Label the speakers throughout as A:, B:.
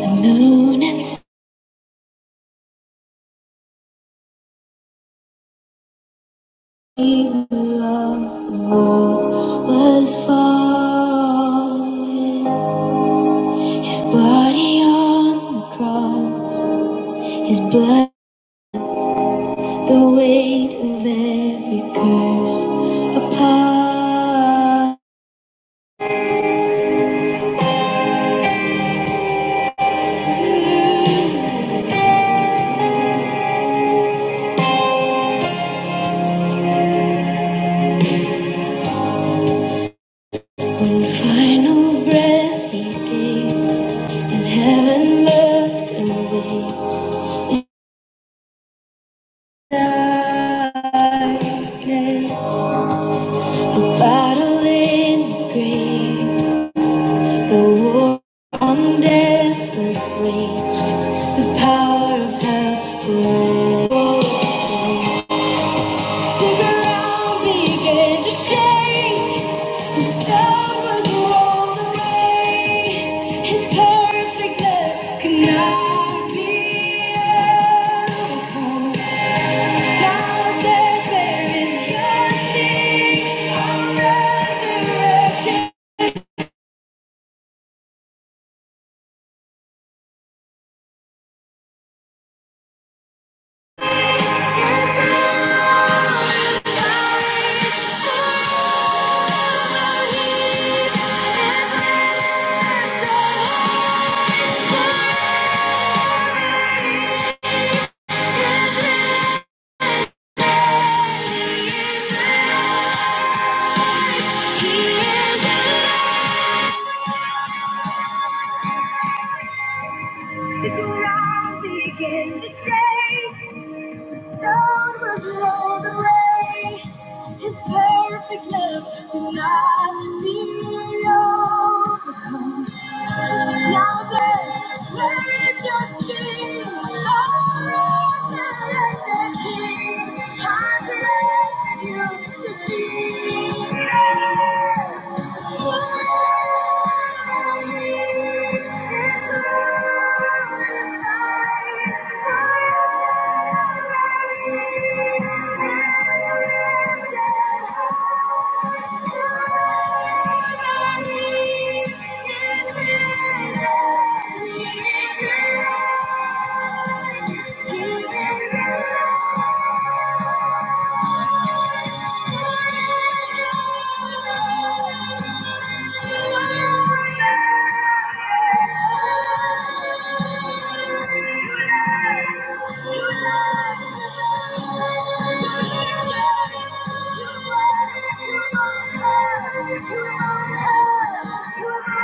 A: The moon and silver of the world was falling. His body on the cross, his blood, the weight of every curse upon. One final breath he gave as heaven looked away. Darkness, a battle in the grave. The war on death was waged. The power of hell forever. The ground began to shake. The stone was rolled away. His perfect love could not be overcome. Now death, there is nothing. I'm resurrected. The ground began to shake. Stone was rolled away. His perfect love could not be alone. Thank you. You are more, you're a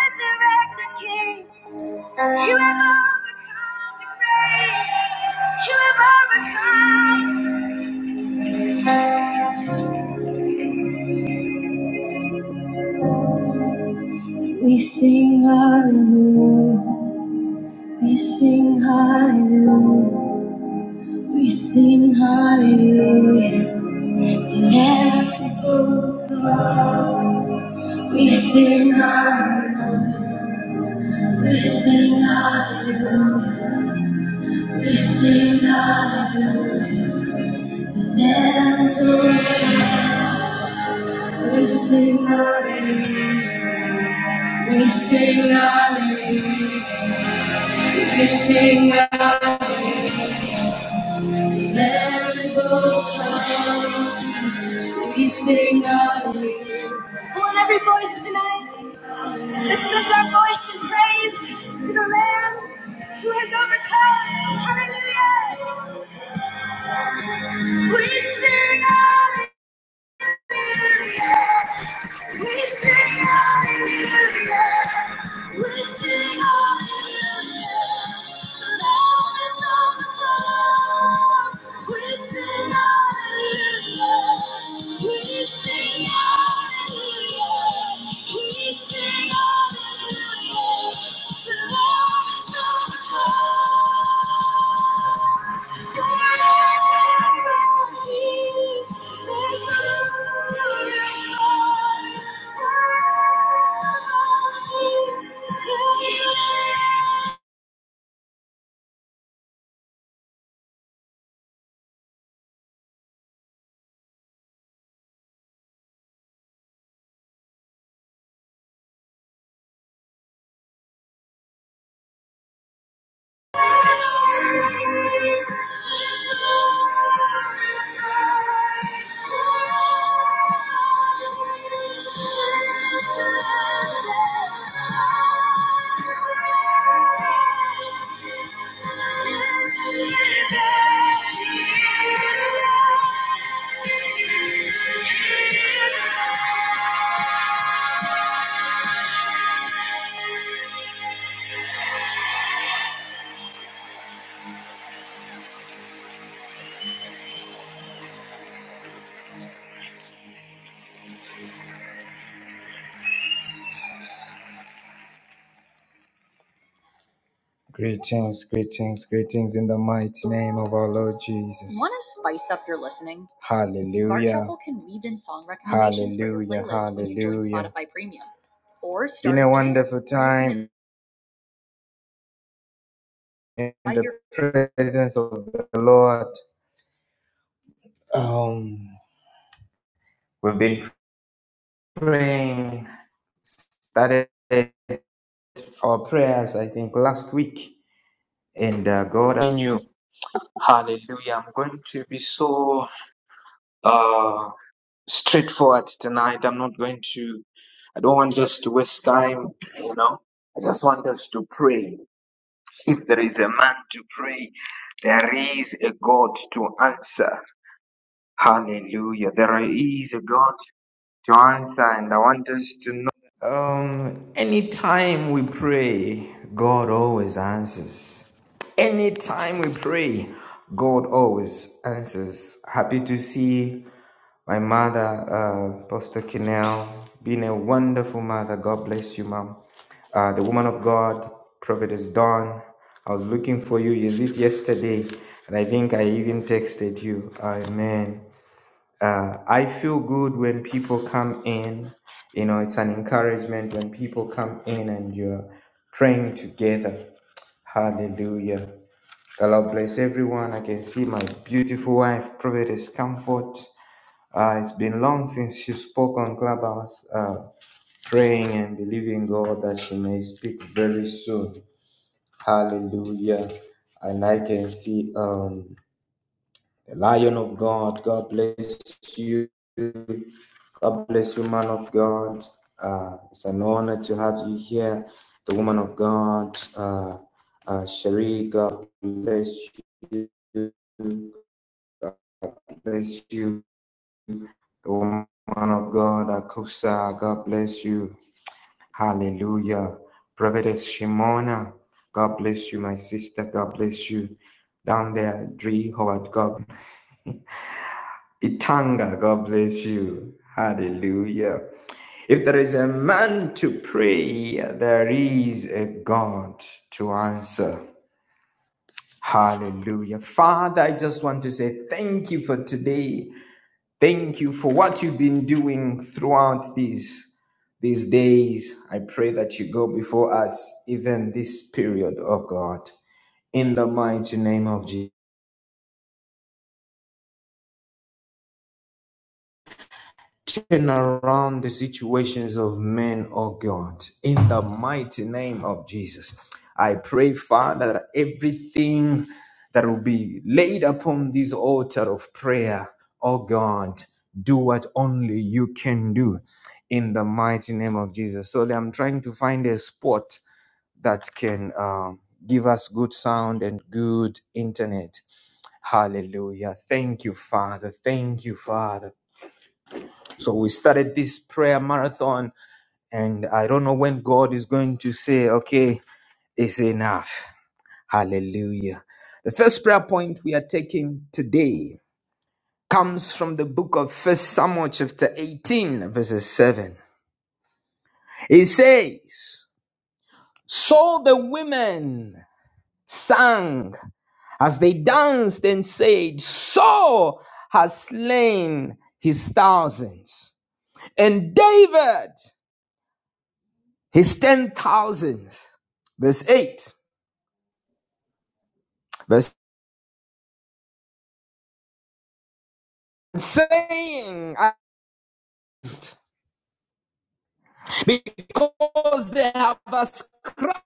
A: resurrected king. You have overcome the grave. You have overcome. We sing hallelujah. We sing hallelujah. We sing hallelujah. The Lamb's open. We sing hallelujah. We sing, we sing Lamb's book. We sing hallelujah. We sing hallelujah. We sing hallelujah. Lamb's book. We sing hallelujah. Come on, every voice tonight. This is our voice in praise to the Lamb who has overcome. Hallelujah. We sing hallelujah. We sing hallelujah. We sing hallelujah. Love is overflow. We sing hallelujah. We sing hallelujah. We sing hallelujah. Love is overflow. Thank you. Thank you. Greetings, greetings, greetings in the mighty name of our Lord Jesus. Want to spice up your listening? Hallelujah. Smart Shuffle can weave in song recommendations hallelujah, for your playlist when you join Spotify Premium. Or It's been a wonderful time in the presence of the Lord. Um, we've been praying, started our prayers, I think, last week, and uh, God, I knew. Hallelujah. I'm going to be so uh, straightforward tonight. I'm not going to, I don't want us to waste time, you know. I just want us to pray. If there is a man to pray, there is a God to answer. Hallelujah. There is a God to answer, and I want us to know. Um, anytime we pray, God always answers. Anytime we pray, God always answers. Happy to see my mother, uh, Pastor Kinnell, been a wonderful mother. God bless you, Mom. Uh, the woman of God, Prophetess Dawn. I was looking for you. You did yesterday? And I think I even texted you. Amen. Uh, I feel good when people come in. You know, it's an encouragement when people come in and you're praying together. Hallelujah. The Lord bless everyone. I can see my beautiful wife, Prophetess Comfort. Uh, it's been long since she spoke on Clubhouse, uh, praying and believing God that she may speak very soon. Hallelujah. And I can see um, the Lion of God. God bless you. God bless you, man of God. Uh, it's an honor to have you here. The woman of God, uh, uh, Cherie, God bless you. God bless you. woman of God, Akusa, God bless you. Hallelujah. Prophetess Shimona, God bless you, my sister. God bless you. Down there, Dree Howard, God. Itanga, God bless you. Hallelujah. If there is a man to pray, there is a God to answer. Hallelujah. Father, I just want to say thank you for today. Thank you for what you've been doing throughout this. These days, I pray that you go before us, even this period, oh God, in the mighty name of Jesus. Turn around the situations of men, oh God, in the mighty name of Jesus. I pray, Father, that everything that will be laid upon this altar of prayer, oh God, do what only you can do in the mighty name of Jesus. So I'm trying to find a spot that can um, give us good sound and good internet. Hallelujah. Thank you, Father. Thank you, Father. So we started this prayer marathon, and I don't know when God is going to say, okay, it's enough. Hallelujah. The first prayer point we are taking today comes from the book of First Samuel, chapter 18, verses 7. It says, So the women sang As they danced and said, Saul has slain his thousands, and David his ten thousands. Verse 8. Verse saying, because they have ascribed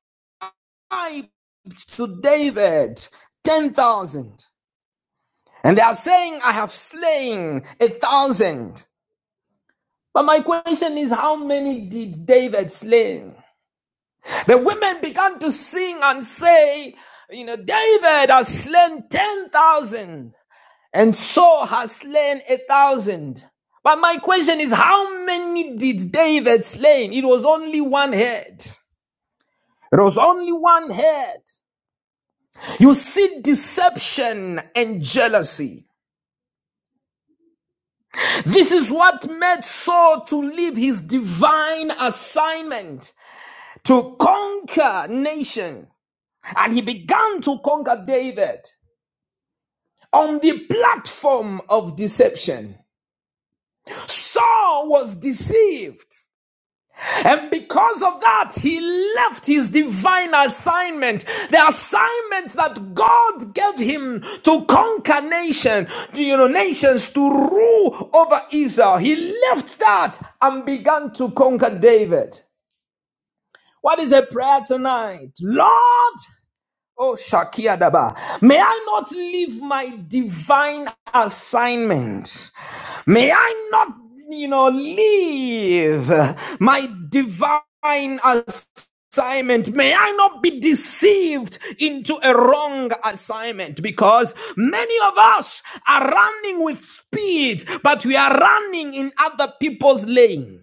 A: to David ten thousand, and they are saying, I have slain a thousand. But my question is, how many did David slay? The women began to sing and say, You know, David has slain 10,000 and Saul has slain a thousand. But my question is, how many did David slay? It was only one head. It was only one head. You see deception and jealousy. This is what made Saul to leave his divine assignment to conquer nations. And he began to conquer David. on the platform of deception. Saul was deceived. And because of that, he left his divine assignment, the assignment that God gave him to conquer nation, you know, nations to rule over Israel. He left that and began to conquer David. What is a prayer tonight? Lord, Oh, Shakia Daba. May I not leave my divine assignment. May I not, you know, leave my divine assignment. May I not be deceived into a wrong assignment because many of us are running with speed, but we are running in other people's lane.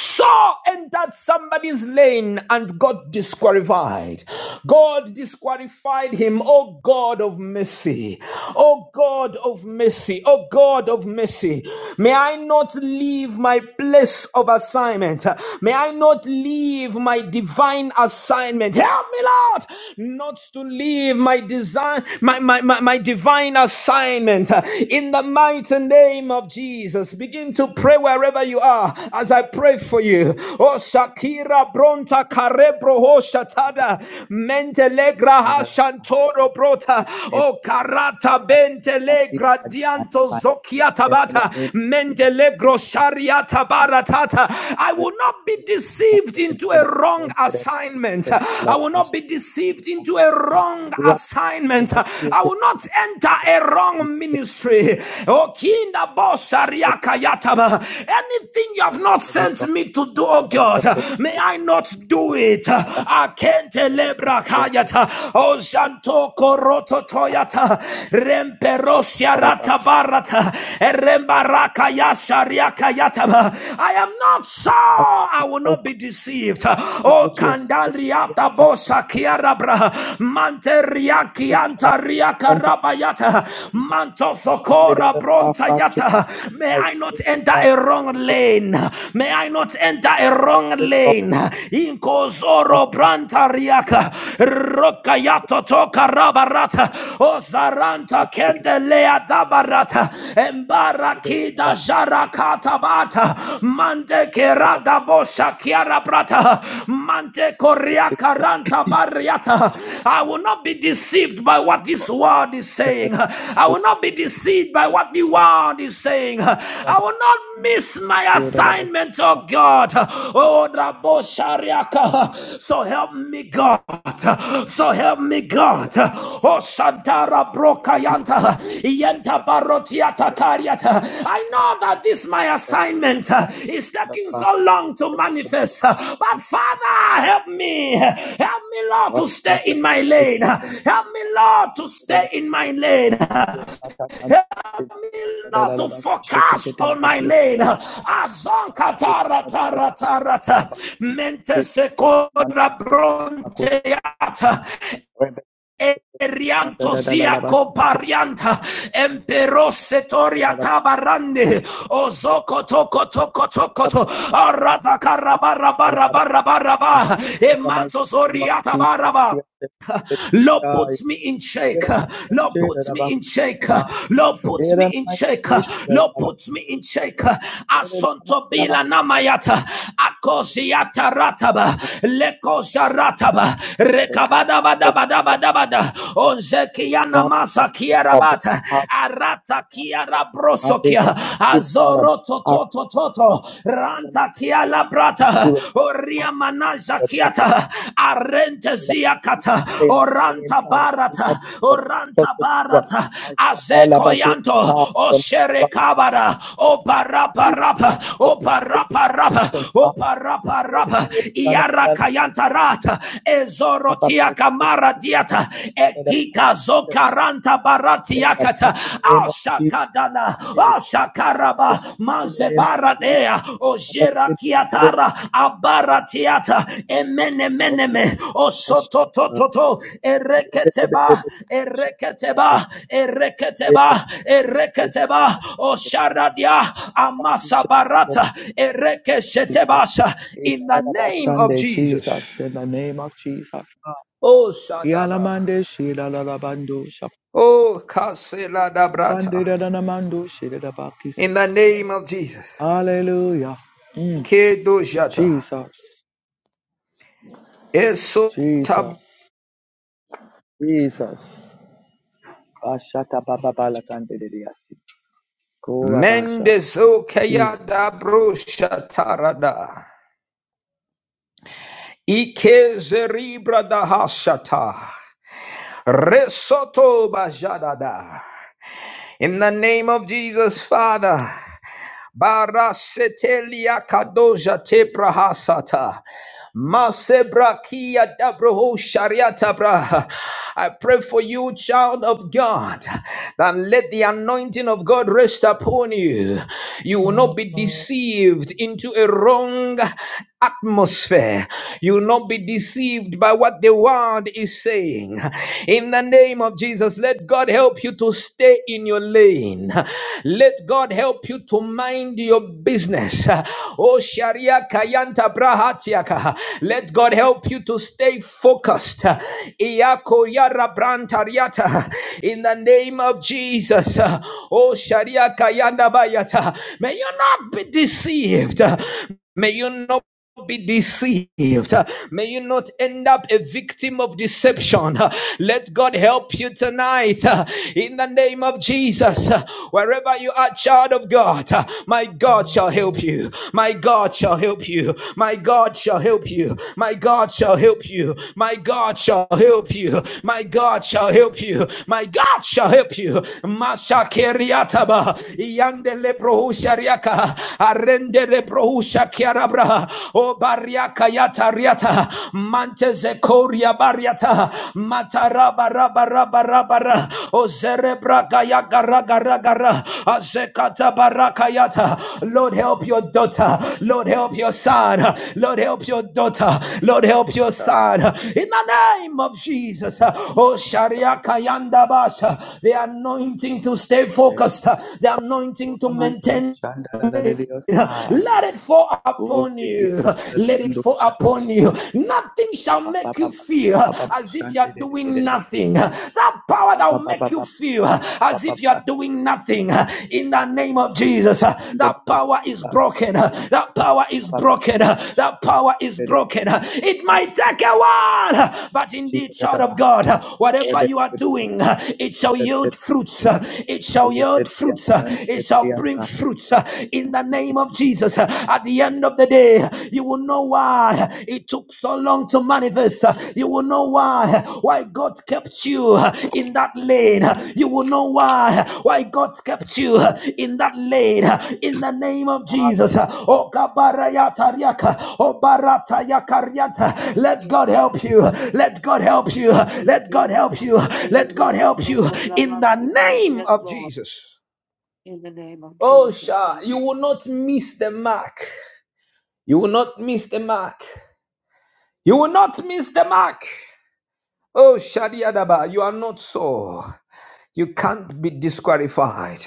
A: Saw entered somebody's lane and got disqualified. God disqualified him. Oh God of mercy. Oh God of mercy. Oh God of mercy. May I not leave my place of assignment. May I not leave my divine assignment. Help me, Lord, not to leave my design, my, my, my, my divine assignment. In the mighty name of Jesus, begin to pray wherever you are are as I pray for you. Oh, Shakira Bronta Carebro Ho
B: I could
A: Shatada
B: see
A: Mentelegra
B: that
A: Ha
B: I
A: Shantoro Brota.
B: could have
A: Oh, Karata
B: a party
A: Bentelegra
B: at my
A: Dianto
B: find
A: Zokiata Bata
B: definitely
A: Mentelegro
B: already
A: Shariata Baratata. I will not be deceived into a wrong
B: shown that
A: assignment.
B: said a
A: I
B: lot of
A: will
B: us.
A: not be deceived into a wrong
B: Wrap the
A: assignment.
B: bacteria
A: I will not enter a wrong ministry. Oh, Kinda Boshariaka yata. Anything you have not sent me to do, oh God, may I not do it. Akente lebra kayata. O shanto koroto toyata. Remperosia
B: Father,
A: rata
B: I
A: barata. Erembaraka yashariaka yataba. I am not so.
B: I
A: I will not
B: spoke
A: be deceived.
B: all of
A: Oh,
B: what you have spoken. We are
A: kandaliata bosa
B: just
A: kiarabra. Manteriaki antaria
B: And
A: karabayata. Manto
B: under
A: sokora
B: that, half
A: bronta
B: past
A: yata. May
B: five.
A: I not enter a wrong lane. May I not enter a wrong lane. Inkozoro brantariaka rokayato toka rabarata osaranta kendelea dabarata embarakida jarakata bata mante kerada bosha kiara brata mante koriaka ranta bariata. I will not be deceived by what this world is saying. I will not be deceived by by what the world is saying. I will not miss my assignment, oh God. Oh, Rabo Shariaka. So help me, God. So help me, God. Oh, Shantara Brokayanta. Yenta Barotiata Kariata. I know that this my assignment is taking
B: Shanda
A: so long to manifest. But Father, help me. Help me, Lord, to stay in my lane. Help me, Lord, to stay in my lane. Help me not to focus on my lane. Mente Azonkataratarata. Mentesekora bronteata. Erianto ziako parianta empero setoria tabarande ozoko toko toko toko to arata karabara bara bara bara
B: In
A: ba
B: the mighty
A: emanto
B: name of
A: soria
B: Jesus, we
A: tabaraba
B: are dedicated to
A: Lord,
B: God.
A: put me in
B: We
A: check.
B: are about to
A: Lord,
B: share the
A: put
B: love
A: me
B: of
A: in check.
B: God.
A: Lord,
B: We
A: put
B: are
A: me
B: about
A: in check.
B: to share the love
A: Lord,
B: of God.
A: put me in check.
B: We are about
A: Asonto
B: to share the love
A: bila namayata. Akosiata rataba. Lekosa rataba. Rekabada bada bada
B: of God.
A: bada bada.
B: That
A: Onzekia
B: the Lord has
A: namasa kia
B: not abort
A: rabata.
B: our
A: Arata
B: not
A: kia
B: abort our
A: rabroso
B: mandate.
A: kia.
B: We will not
A: Azoro
B: abort our
A: toto toto toto.
B: freedom.
A: Ranta kia la
B: We
A: brata.
B: will not
A: Oria manaza
B: abort our freedom.
A: kiata.
B: I am
A: Arente zia
B: the one who created the heavens
A: Oranta
B: and
A: barata.
B: the
A: Oranta
B: earth.
A: barata.
B: I am the
A: Azeko
B: one who sent down
A: yanto. O shere kabara. O
B: the
A: barapa
B: Quran and
A: rapa,
B: who has taught them the Book. I am the one
A: O
B: who
A: barapa rapa,
B: sent
A: O
B: down the
A: barapa
B: Reminder
A: rapa, Iara
B: and who has
A: kayanta rata.
B: taught them the Book. I am the one who sent down the
A: Ezorotia kamara diata.
B: Reminder
A: Ekika zo
B: and
A: Karanta
B: who has taught them the Book. I
A: baratiakata.
B: am the one who
A: Ashakadana.
B: sent
A: Ashakaraba.
B: down the Reminder and who has
A: Mansebaradea. Ojerakiatara. Abaratiata. Emenemeneme. Osototototo. Ereketeba. Ereketeba. Ereketeba.
B: taught them the
A: Ereketeba.
B: Book.
A: Osharadia. Amasabarata. Erekeshetebasha. In the name of
B: Ikarabashande, Jesus,
A: Jesus.
B: in the name of Jesus.
A: Oh, Shadaba.
B: Yalamande shilalabando
A: Oh, Kasela
B: shapande
A: Dabrata.
B: dadanamando shidabakise.
A: in the name of Jesus.
B: Hallelujah. Mm.
A: Kedoshata.
B: Jesus,
A: Esota
B: Jesus, Jesus. Bashata baba balakande diasi. Kova basha. Jesus.
A: mendezokeyada broshatarada. Ike zeribra Resoto bajadada. In the name of Jesus, Father. Barasetelia kadoja tebrahasata. Masebrakia dabroho shariata braha. I pray for you, child of God, that let the anointing of God rest upon you. You will not be deceived into a wrong atmosphere. You will not be deceived by what the world is saying. In the name of Jesus, let God help you to stay in your lane. Let God help you to mind your business. Oh, Sharia Kayanta Brahatiaka. Let God help you to stay focused. Iyako Yara Brantariata. In the name of Jesus. Oh, Sharia Kayanda Bayata. May you not be deceived. May you not be deceived. Uh, May you not end up a victim of deception. Uh, Let God help you tonight uh, in the name of Jesus. Uh, Wherever you are, child of God, uh, my God shall help you. My God shall help you. My God shall help you. My God shall help you. My God shall help you. My God shall help you. My God shall help you. Masha keriataba, yandele prohushariaka, arendele lebrousha kiarabra o bariaka yata riata manteze koria bariata mataraba raba raba raba o zerebra kaya gara ragara, azekata baraka yata Lord help your daughter Lord help your son Lord help your daughter Lord help your
B: Jesus.
A: son in the name of Jesus o sharia kayanda basha the anointing to stay
B: Shande.
A: focused the anointing to
B: Oramande
A: maintain
B: shandala dios. Ah.
A: let it fall upon
B: Ovikia
A: you. Let it
B: dadanamando
A: fall upon you. Nothing shall
B: Ba ba
A: make
B: ba
A: you
B: ba
A: feel
B: ba ba ba
A: as if you
B: shande
A: are
B: De
A: doing nothing. That power that will make you feel as if you are doing nothing. In the name of Jesus, that power is broken. That power is broken. That power is broken. It might take a while, but indeed, child of God, whatever you are doing, it shall
B: de
A: yield fruits. It shall
B: de
A: yield
B: de
A: fruits. It shall bring bearing fruits uh, in the name of Jesus. Uh, At the end of the day, uh, you will know why it took so long to manifest. Uh, You will know why why God kept you uh, in that lane. Uh, You will know why uh, why God kept you uh, in that lane. Uh, In the name of Jesus. Uh,
B: Hallelujah. Hallelujah.
A: Oh, Kabarayatariaka, oh, Baratayakariata.
C: Yes,
A: Let God help you. Let God help you. Let God help you. Let God help you in the name of
C: Lord,
A: Jesus.
C: in the name of
A: Oh,
C: Jesus,
A: Sha,
C: thank
A: you
C: you.
A: will not miss the mark. You will not miss the mark. You will not miss the mark. Oh, Shadiadaba, you are not so. You can't be disqualified.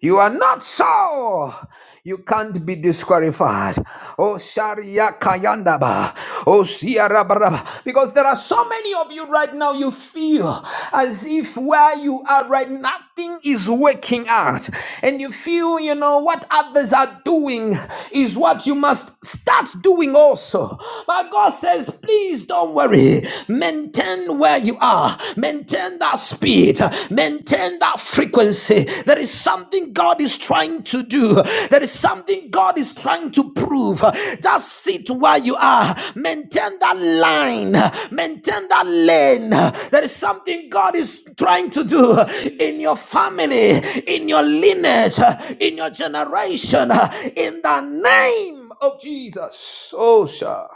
A: You are not so. You can't be disqualified. Oh, Sharia Kayandaba. Oh, Siarabaraba. Because there are so many of you right now, you feel as if where you are right, nothing is working out. And you feel, you know, what others are doing is what you must start doing also. But God says, please don't worry. Maintain where you are. Maintain that speed, maintain that frequency. There is something God is trying to do, there is something God is trying to prove. Just sit where you are, maintain that line, maintain that lane. There is something God is trying to do in your family, in your lineage, in your generation, in the name of Jesus. Oh, sir.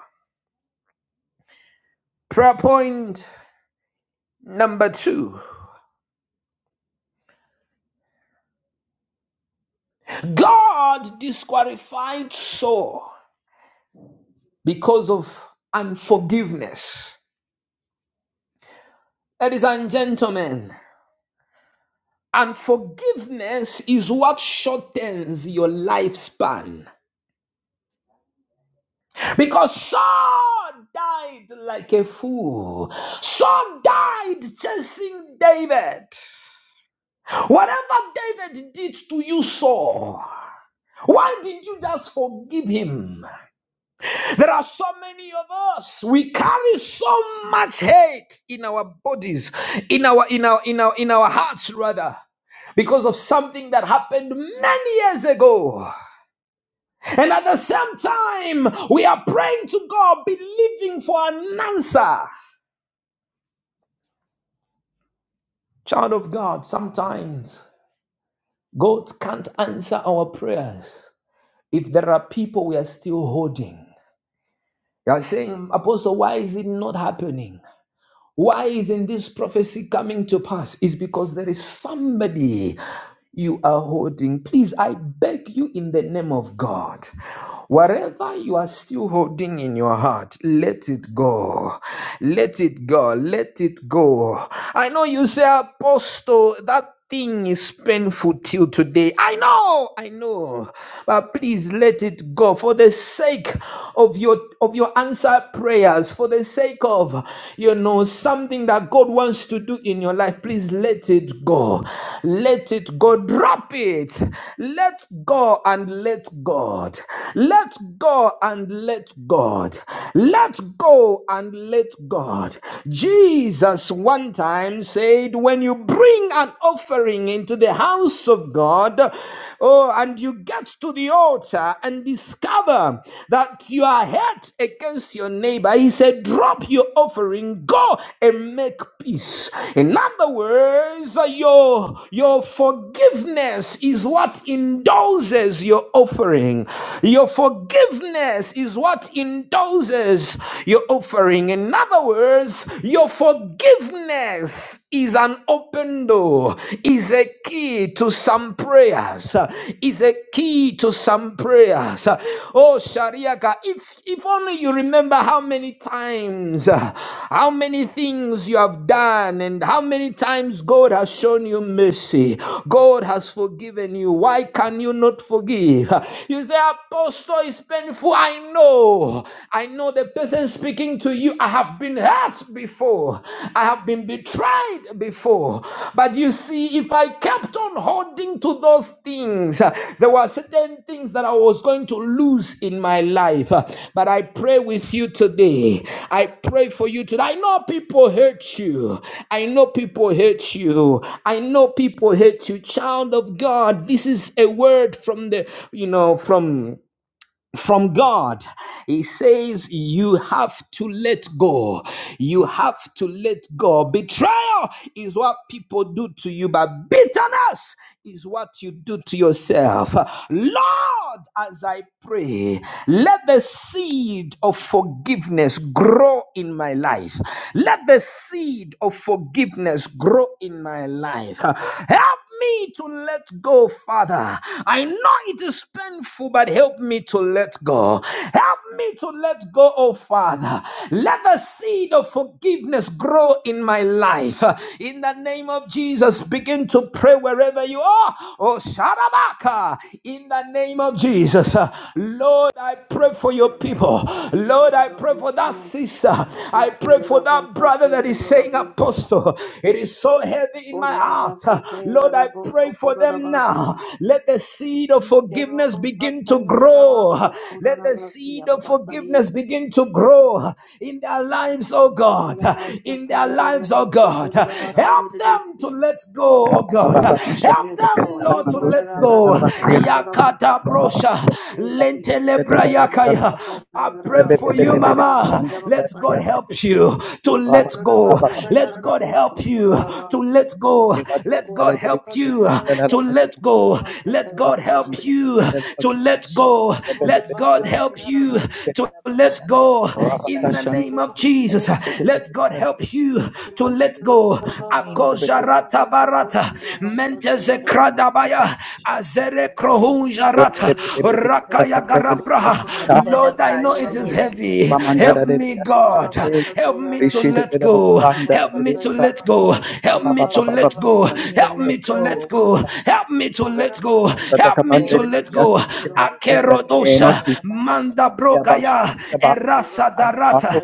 A: Prayer point number two. God disqualified Saul because of unforgiveness. Ladies and gentlemen, unforgiveness is what shortens your lifespan. Because Saul died like a fool, Saul died chasing David. Whatever David did to you, Saul, why did you just forgive him? There are so many of us. We carry so much hate in our bodies, in our in our in our in our hearts rather. Because of something that happened many years ago. And at the same time, we are praying to God, believing for an answer. Child of God, sometimes God can't answer our prayers if there are people we are still holding. You are saying, Apostle, why is it not happening? Why isn't this prophecy coming to pass? It's because there is somebody you are holding. Please, I beg you in the name of God. Whatever you are still holding in your heart, let it go. Let it go. Let it go. I know you say, Apostle, that thing is painful till today. I know, I know. But please let it go for the sake of your of your answered prayers, for the sake of you know was something that God wants to do in your life, please let it go. Let it go. Drop it. Let go and let God. Let go and let God. Let go and let God. Jesus one time said, When you bring an offering into the house of God, oh, and you get to the altar and discover neighbor, that you are hurt against your neighbor. He said, Drop your offering, go and make peace. In other words, your, your forgiveness is what indulges your offering. Your forgiveness is what indulges your offering. In other words, your forgiveness is an open door, is a key to some prayers, uh, is a key to some prayers. Uh, Oh, Shariaka, if, if only you remember how many times, uh, how many things you have done, and how many times God has shown you mercy, God has forgiven you. Why can you not forgive? You say, Apostle, it's painful. I know. I know the person speaking speaking to you, I have been hurt before, I have been betrayed before. But you see, if I kept on holding to those things, uh, there were certain things that I was going to lose in my life. Uh, But I pray with you today. I pray for you today. I know people hurt you. I know people hate you. I know people hate you. Child of God, this is a word from the, you know, from from God. He says, You have to let go. You have to let go. Betrayal is what people do to you, but bitterness is what you do to yourself. Lord, as I pray, let the seed of forgiveness grow in my life. Let the seed of forgiveness grow in my life. Help me to let go, Father. I know it is painful, but help me to let go. Help me to let go, oh Father. Let the seed of forgiveness grow in my life. In the name of Jesus, begin to pray wherever you are. Oh, Sharabaka, in the name of Jesus. Lord, I pray for
C: Yes,
A: your people. Lord, I pray for that sister. I pray for that brother that is saying, Apostle apostle. It is so heavy in my heart. Lord, I pray for them now. Let the seed of forgiveness
C: Lord.
A: begin to grow. Let the seed of forgiveness begin to grow in their lives, oh God. In their lives, oh God. Help them to let go, oh
B: Ba ba
A: God.
B: ba ba ba
A: Help
B: shande de de de de.
A: them, Lord,
B: Ba
A: to
B: do
A: let
B: shande
A: go.
B: de de de ba si.
A: Yakata
B: Ba ba de
A: brosha
C: Yes,
B: de
C: Jesus.
A: lentelebra
C: Yo korora
A: yakaya.
C: basa
A: I
C: tayara
A: pray for
C: rabo
B: de
C: so
A: you,
B: de de de. Ba ba ba ba ba shande de de de
C: korora
A: Mama.
C: basa yaba
A: Let
C: basa
B: ya
A: God
C: ye.
B: si.
A: help you to
C: Yo
B: Ba ba
A: let
C: korora
B: ba
A: go.
B: ba
C: basa
B: ba
C: tayara
A: Let
B: shande.
A: God
C: rabo so
A: help you
C: korora
A: to
C: basa ya.
A: let go.
C: Yo
B: Nivatia
A: Let God
C: korora
B: Narada
A: help
C: basa
B: Shi
A: you
C: tayara
A: to
C: rabo
B: Kalalasa
C: so
A: let
C: korora
A: go.
C: basa
A: Let
B: Baba
A: God
D: Ikatalaba
C: tayara
A: help
B: Shande
C: rabo
A: you
C: ya.
D: shakatalaba
A: to
B: Delapaki
D: katalaba
A: let
C: Yo
A: go.
D: shubata.
C: korora
A: Let God
C: basa
D: Yes,
A: help
D: Lord
C: tayara
A: you
D: God.
A: to
D: Italaba
A: let go
D: shakatalaba
B: Rabata
A: in
D: shata.
A: the
B: Shande
A: name of
C: rabo so
A: Jesus.
B: shete tete
A: Let God
B: tete la
D: Italaba
A: help you to
B: man
D: shatakalai.
A: let
B: tete
A: go.
D: In
C: korora
D: the
C: basa
D: name of
B: tete beke
C: tayara
A: Akojarata
D: Jesus.
C: rabo so
A: barata
C: korora
D: Italaba
C: basa
A: menteze
C: tayara rabo
D: shakatalabando.
C: ya.
B: kala
A: kradabaya azere
D: Isatalaba kan
C: Yo
A: krohunjarata
B: bebe
C: korora
D: shakatalaba
B: bebe bebe
C: basa
B: ta
D: sai.
A: rakaya
C: tayara
B: shande le
C: rabo so
B: ta
A: Lord, I know
D: Na-da-da-da-ba-sha.
A: it is
D: Yes, Lord
A: heavy.
B: baba
D: God, help me
B: mandara
A: Help
D: to
B: le
A: me,
D: let go,
C: Ikorora
A: God.
D: oh
B: shete
C: basa
D: God.
A: Help me to
C: tayarara
B: rishi
D: Yes,
B: tete
A: let
D: Lord
C: boso
B: la baba
D: God.
A: go.
C: korora
A: Help
B: mandara
A: me
B: le
A: to
B: ta
A: let go. Help
B: baba
A: me to
D: Di-di-di-bi-ka-ta-la-ba-sha-te-ke-te.
B: baba
A: let
B: baba
A: go.
D: Help
B: shande
D: me to
A: Help
B: tete
A: me
D: let
A: to
D: go,
A: let
D: oh
A: go.
D: God.
A: Help me to let
D: Yes,
A: go.
D: Lord God, in
A: Help
D: the
A: me to
D: name of
A: let go.
B: tete
D: Jesus. Eh,
B: in the name of
A: Akerodosha
B: Jesus.
A: manda
B: about
A: brokaya
B: about
A: erasa
B: I will not
A: darata
B: hold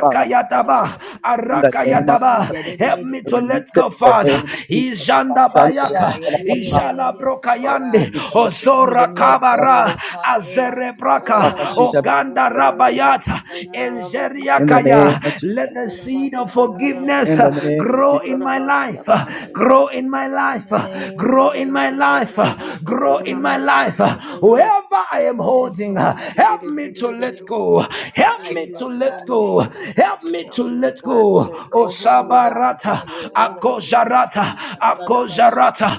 B: on. But I release it in the name of
D: Yee,
A: arakayadaba.
B: Jesus.
D: da- da- da-
A: Help
D: da-
A: me
D: da-
B: I
D: da-
A: to
D: da- da-
B: Release
A: let
B: it
D: ba-
A: go,
B: in
D: ya-
B: the
D: da- da- da-
A: Father.
B: name of Jesus.
A: Ijanda
B: Abashan, Ebekun,
D: shekalabasha.
A: bayaka
D: Yeah, yeah, yeah,
B: Alabama,
D: yeah, yeah,
A: Ijala
D: yes, Lord God.
A: Brokayande,
B: Ebekin, and the
D: Help me to
A: Ozora
B: Ebekin, and
D: let go,
A: Kabara,
D: oh
B: Alabama,
D: God. Yes, satalabasha, da- da-
A: Azerebraka,
B: Bakashi, Ebekun,
A: Oganda
D: da-
B: and
D: da-
B: the
D: ba-
B: Yes,
A: Rabayata,
D: shikete. Yee,
B: In the name
D: satalaba,
B: of
A: Enjeriakaya.
B: Jesus.
A: Let the
D: katalaba,
A: seed of
D: shikadalaba, da- da- da-
A: forgiveness
B: In
D: ba-
B: the
A: uh,
B: name of
D: shike.
A: grow
B: Jesus.
A: in my
D: Yes,
A: life, uh,
D: Lord God.
A: grow in my
D: In
A: life,
D: the
A: uh,
D: name of
A: grow in my
C: basi
D: Jesus.
A: life, uh,
D: In the
A: grow in
D: name
A: my
D: of
A: life. Uh,
C: yabasa
D: Jesus.
C: yero
A: Whoever I am
D: Yes,
A: holding, uh,
D: Lord, let the
A: help
D: seed
A: me
D: of
A: to let
D: forgiveness
A: go,
D: grow
C: Yeah,
D: in my
A: help
D: life,
A: me
C: hallelujah.
A: to
D: Father
C: Oh,
A: let
D: God.
C: Lord
A: go,
C: God.
D: Whatever
A: help
D: I'm
A: me to
C: Help me,
D: holding,
C: Lord
A: let
C: God,
D: let me
C: to
A: go.
D: to
C: let
D: let
C: go. Help me,
D: go.
C: Lord
D: Help
C: God,
D: me
C: to
D: to
A: Osabarata,
D: let
C: forgive in
D: go,
C: the
A: Ako.
D: God.
C: name of Jesus.
A: Akozarata,
C: Yes, Lord,
A: Akozarata,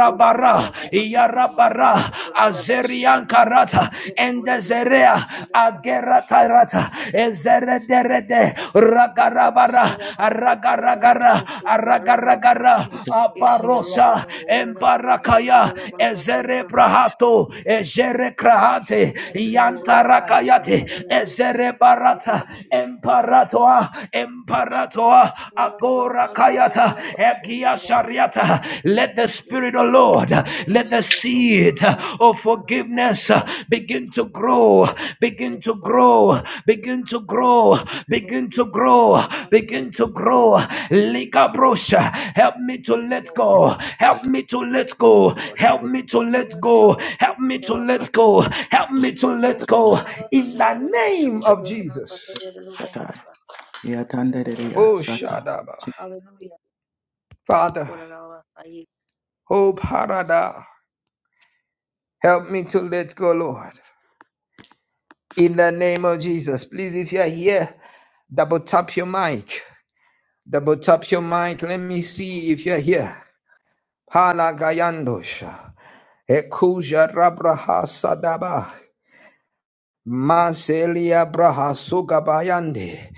C: you could have about to say, you know, you
A: Yarabara,
C: could have about to-
A: Azeriankarata,
C: could have about to say,
A: Endezerea,
C: you
D: Itadalalabashakalabarabasiriyalabashikiti.
C: know, you
A: Ageratarata, Ezerederede,
C: could
A: Ragarabara,
C: have
D: Itadadadabashakadakatayadidibishiki.
C: about to say, you
A: Ragaragara,
C: know, you
D: Yes,
C: could have
D: Lord.
C: about to-
A: Ragaragara,
D: Yes, Lord, help me
C: could
D: to
C: have
D: let
A: Aparosa,
D: go,
C: about to say,
D: oh
C: you know, you could have about
D: God,
C: to say, you know, you
D: wherever it-
A: Embarakaya,
C: could have about to say, you know, you
D: unforgiveness and
A: Ezerebrahato,
D: bitterness might be.
A: Ezerekrahate,
D: Yes, Lord, Rabanche,
A: Yantarakayate,
D: Karadabanche,
C: could have
A: Ezerebarata,
C: about
A: Emparato, Kayatoa,
C: In the
A: Emparatoa, Agora Kayata, Egia Shariata. Let the Spirit,
D: in
A: of
D: the
A: Lord,
D: name of
A: let the
D: Jesus.
A: seed of forgiveness begin to grow, begin to grow, begin to grow, begin to grow, begin to grow. Lika brosha, help me to let go, help me to let go, help me to let go, help me to let go, help me to let go. In the name of Jesus.
C: name
A: Oh
C: of Jesus,
A: Shadaba.
C: hallelujah. You
A: Father,
C: called it all, I say,
A: oh Parada. Help me to let go, Lord. In the name of Jesus. Please, if you are here, double tap your mic. Double tap your mic. Let me see if you're here. Hala Gayandosha. Ekuja Rabraha Sadaba. Maselia Braha Sugabayande.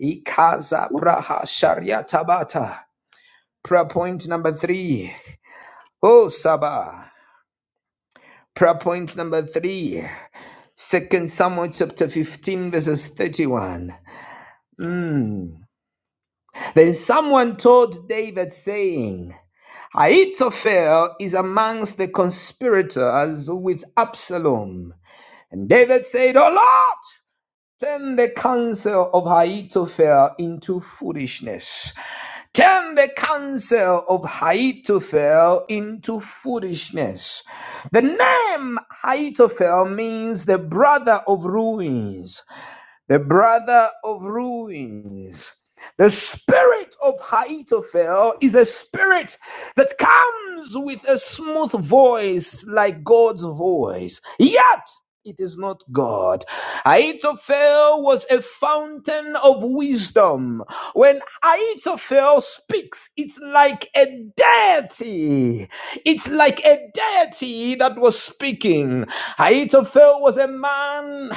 A: Ikaza Braha Shariatabata. Prayer point number three. Oh Sabah. Prayer point number three, Second Samuel chapter 15, verses 31. Mm. Then someone told David, saying, Ahithophel is amongst the conspirators with Absalom. And David said, O Lord, turn the counsel of Ahithophel into foolishness. Turn the counsel of Ahithophel into foolishness. The name Ahithophel means the brother of ruins, the brother of ruins. The spirit of Ahithophel is a spirit that comes with a smooth voice like God's voice. Yet it is not God. Ahithophel was a fountain of wisdom. When Ahithophel speaks, it's like a deity. It's like a deity that was speaking. Ahithophel was a man,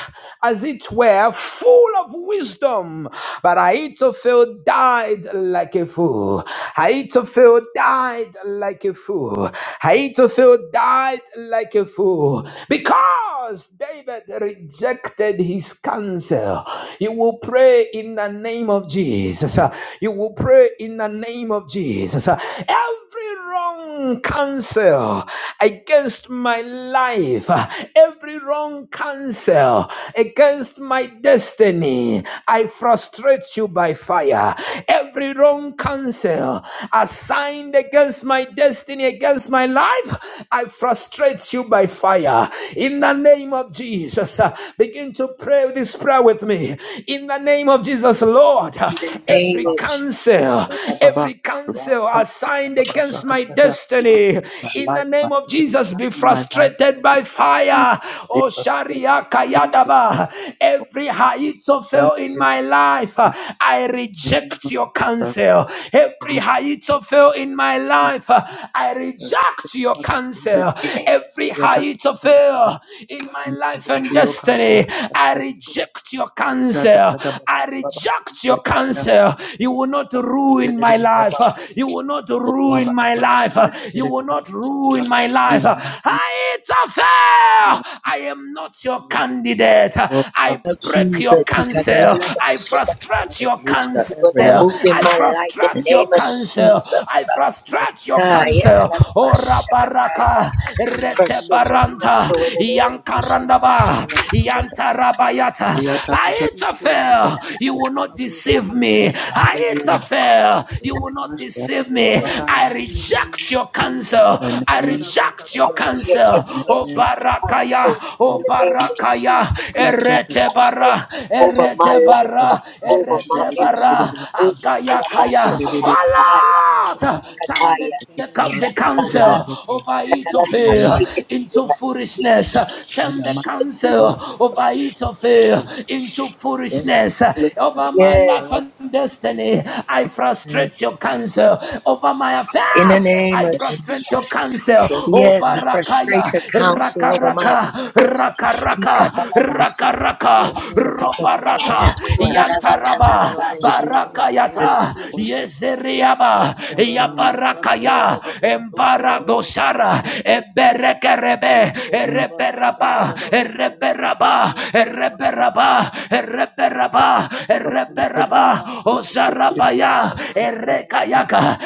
A: as it were, full of wisdom. But Ahithophel died like a fool. Ahithophel died like a fool. Ahithophel died like a fool. Because because David rejected his counsel. You will pray in the name of Jesus. Uh, You will pray in the name of Jesus. Uh, Every wrong counsel against my life, uh, every wrong counsel against my destiny, I frustrate you by fire. Every wrong counsel assigned against my destiny, against my life, I frustrate frustrates you by fire. In the name of Jesus, uh, begin to pray this prayer with me. In the name of Jesus, Lord, uh,
D: In the
B: Every
D: name
A: every
D: of Je-
A: counsel,
B: Baba,
A: every counsel
B: Rasta,
A: assigned
B: Baba,
A: against my
B: Shakata,
A: destiny,
B: my
A: in
B: life,
A: the
B: my
A: name of
B: business,
A: Jesus, be
B: and my life in
A: frustrated
B: Jesus'
A: by
B: name.
A: fire.
B: Be
A: Oh,
B: perfect
A: Sharia
B: in Jesus' name.
A: Kayadaba,
B: For
A: every
B: Shem,
A: Haitofel in
B: it
A: my
B: is for
A: life, uh,
B: now,
A: I
B: in the name
A: reject
B: of
A: your
B: Jesus,
A: counsel.
B: in the
A: Every
B: name
A: Haitofel in my
B: of
A: life, uh, I
B: Jesus.
A: reject
B: Take
A: your
B: back and take
A: counsel.
B: it.
A: Every
B: Yeah, that-
A: height of
B: that- that- that- that.
A: fail in my
B: In the name
A: life and
B: of Yoga,
A: destiny,
B: Shaka, that-
A: I
B: that-
A: reject your
B: Shaka,
A: counsel.
B: that- that- that-
A: I
B: that- that- that. In
A: reject
B: the name
A: your
B: of Yeah.
A: counsel.
B: In
A: You
B: the name
A: will not
B: of- in the
A: ruin
B: name
A: my
B: of Yeah,
A: life.
B: Baba,
A: You
B: Shaka.
A: will not
B: Oh, Baba,
A: ruin my
B: Baba, Shaka, in
A: life.
B: the
A: You
B: name
A: will
B: of
A: not
B: Yeah.
A: ruin my
B: In
A: life.
B: the mighty name of
A: Height of
B: Jesus.
A: fail. I am not your
B: Lord,
A: candidate.
B: Baba,
A: I
B: Baba,
D: of
A: break your
D: Jesus, we
B: Baba,
D: got the
A: counsel.
B: Baba,
D: lullaby,
A: I
D: shut the
A: frustrate
D: lights.
A: your
B: Hallelujah,
A: counsel.
D: We're gonna
B: everyone
D: move in
A: I
D: my life in the
A: frustrate
B: in the
A: your
D: name of
A: counsel. I
D: Jesus.
B: theater,
A: frustrate your
C: yeah.
D: Kaya
B: Baba,
A: counsel.
B: Baba,
D: talaga ba
A: Oh,
D: siya kataya?
B: Baba,
A: Rabaraka,
C: Yes,
D: Fresh
C: in the
D: it and
C: name of
D: come
A: Retebaranta,
D: so in
C: Jesus,
D: the name
C: you
D: of
B: Baba,
C: called it all, I
D: Jesus.
C: say,
A: Yankarandaba,
B: Baba,
C: yeah.
D: Yes, talaga ba
A: Yantarabayata.
B: Ria,
D: siya
B: ta, ta, ta,
A: I
C: Yes,
B: ta, ta,
C: in the
B: ta,
C: name
B: Baba,
D: kataya?
C: of
A: interfere. You
B: Baba,
A: will
C: Jesus.
A: not deceive
B: Baba,
A: me.
B: Sunday,
A: I interfere.
B: Lord,
A: You will
D: Talaga ba
A: not
B: Master,
A: deceive me.
C: Yes,
B: Bakaya,
A: I
C: in the name
A: reject your
B: in
A: counsel.
B: the
A: I
B: name,
A: reject
D: I
B: in
A: your
D: reject your
A: counsel.
B: the
A: Oh,
B: name, in the
D: against counsel
A: Barakaya,
D: in
A: oh,
D: the name
B: name,
D: of
A: Barakaya,
D: Jesus. It
B: Yes,
D: can
B: yes,
D: come
B: yes,
D: back
B: yes,
D: saved
A: Eretebara,
D: over my
A: Eretebara.
B: Baba,
D: life,
A: Eretebara,
B: Baba,
D: over
B: Sunday,
D: my
B: de, de, de, de,
A: Eretebara,
D: ministry. Over my labasha,
A: Agayakaya. Oh
D: katakataya,
A: Lord, turn the
D: isikataya,
A: the, the counsel
D: isakatalasa,
A: over it of
B: in the
A: her
B: mighty,
A: into
D: katalalabashikataya,
A: foolishness.
B: in
A: Turn
B: the
A: the
D: isikataya.
A: counsel
B: mighty,
A: over it of her
B: of
A: into
B: dental
A: foolishness.
B: fluid and
A: Over my life
B: the
D: Yes,
A: and destiny, I
B: name
A: frustrate your counsel. Over my
D: in the
A: affairs,
D: name
A: I
B: name
D: of
A: frustrate your
B: of
A: counsel.
D: Jesus. Yes,
A: Over
D: I frustrate
A: Rakaya,
D: the counsel over my
A: Rakaraka,
D: affairs.
A: Rakaraka,
D: Ikatalabashi,
A: Rakaraka, Baraka
C: of
A: Roparata Yantaraba
D: korarabatatanabashiki.
A: Barakayata Yeseriaba
B: the name of
C: Jesus. Yes,
A: Yaparakaya Embaradosara Eberekerebe Ereberaba Ereberaba Ereberaba Ereberaba Ereberaba Osarabaya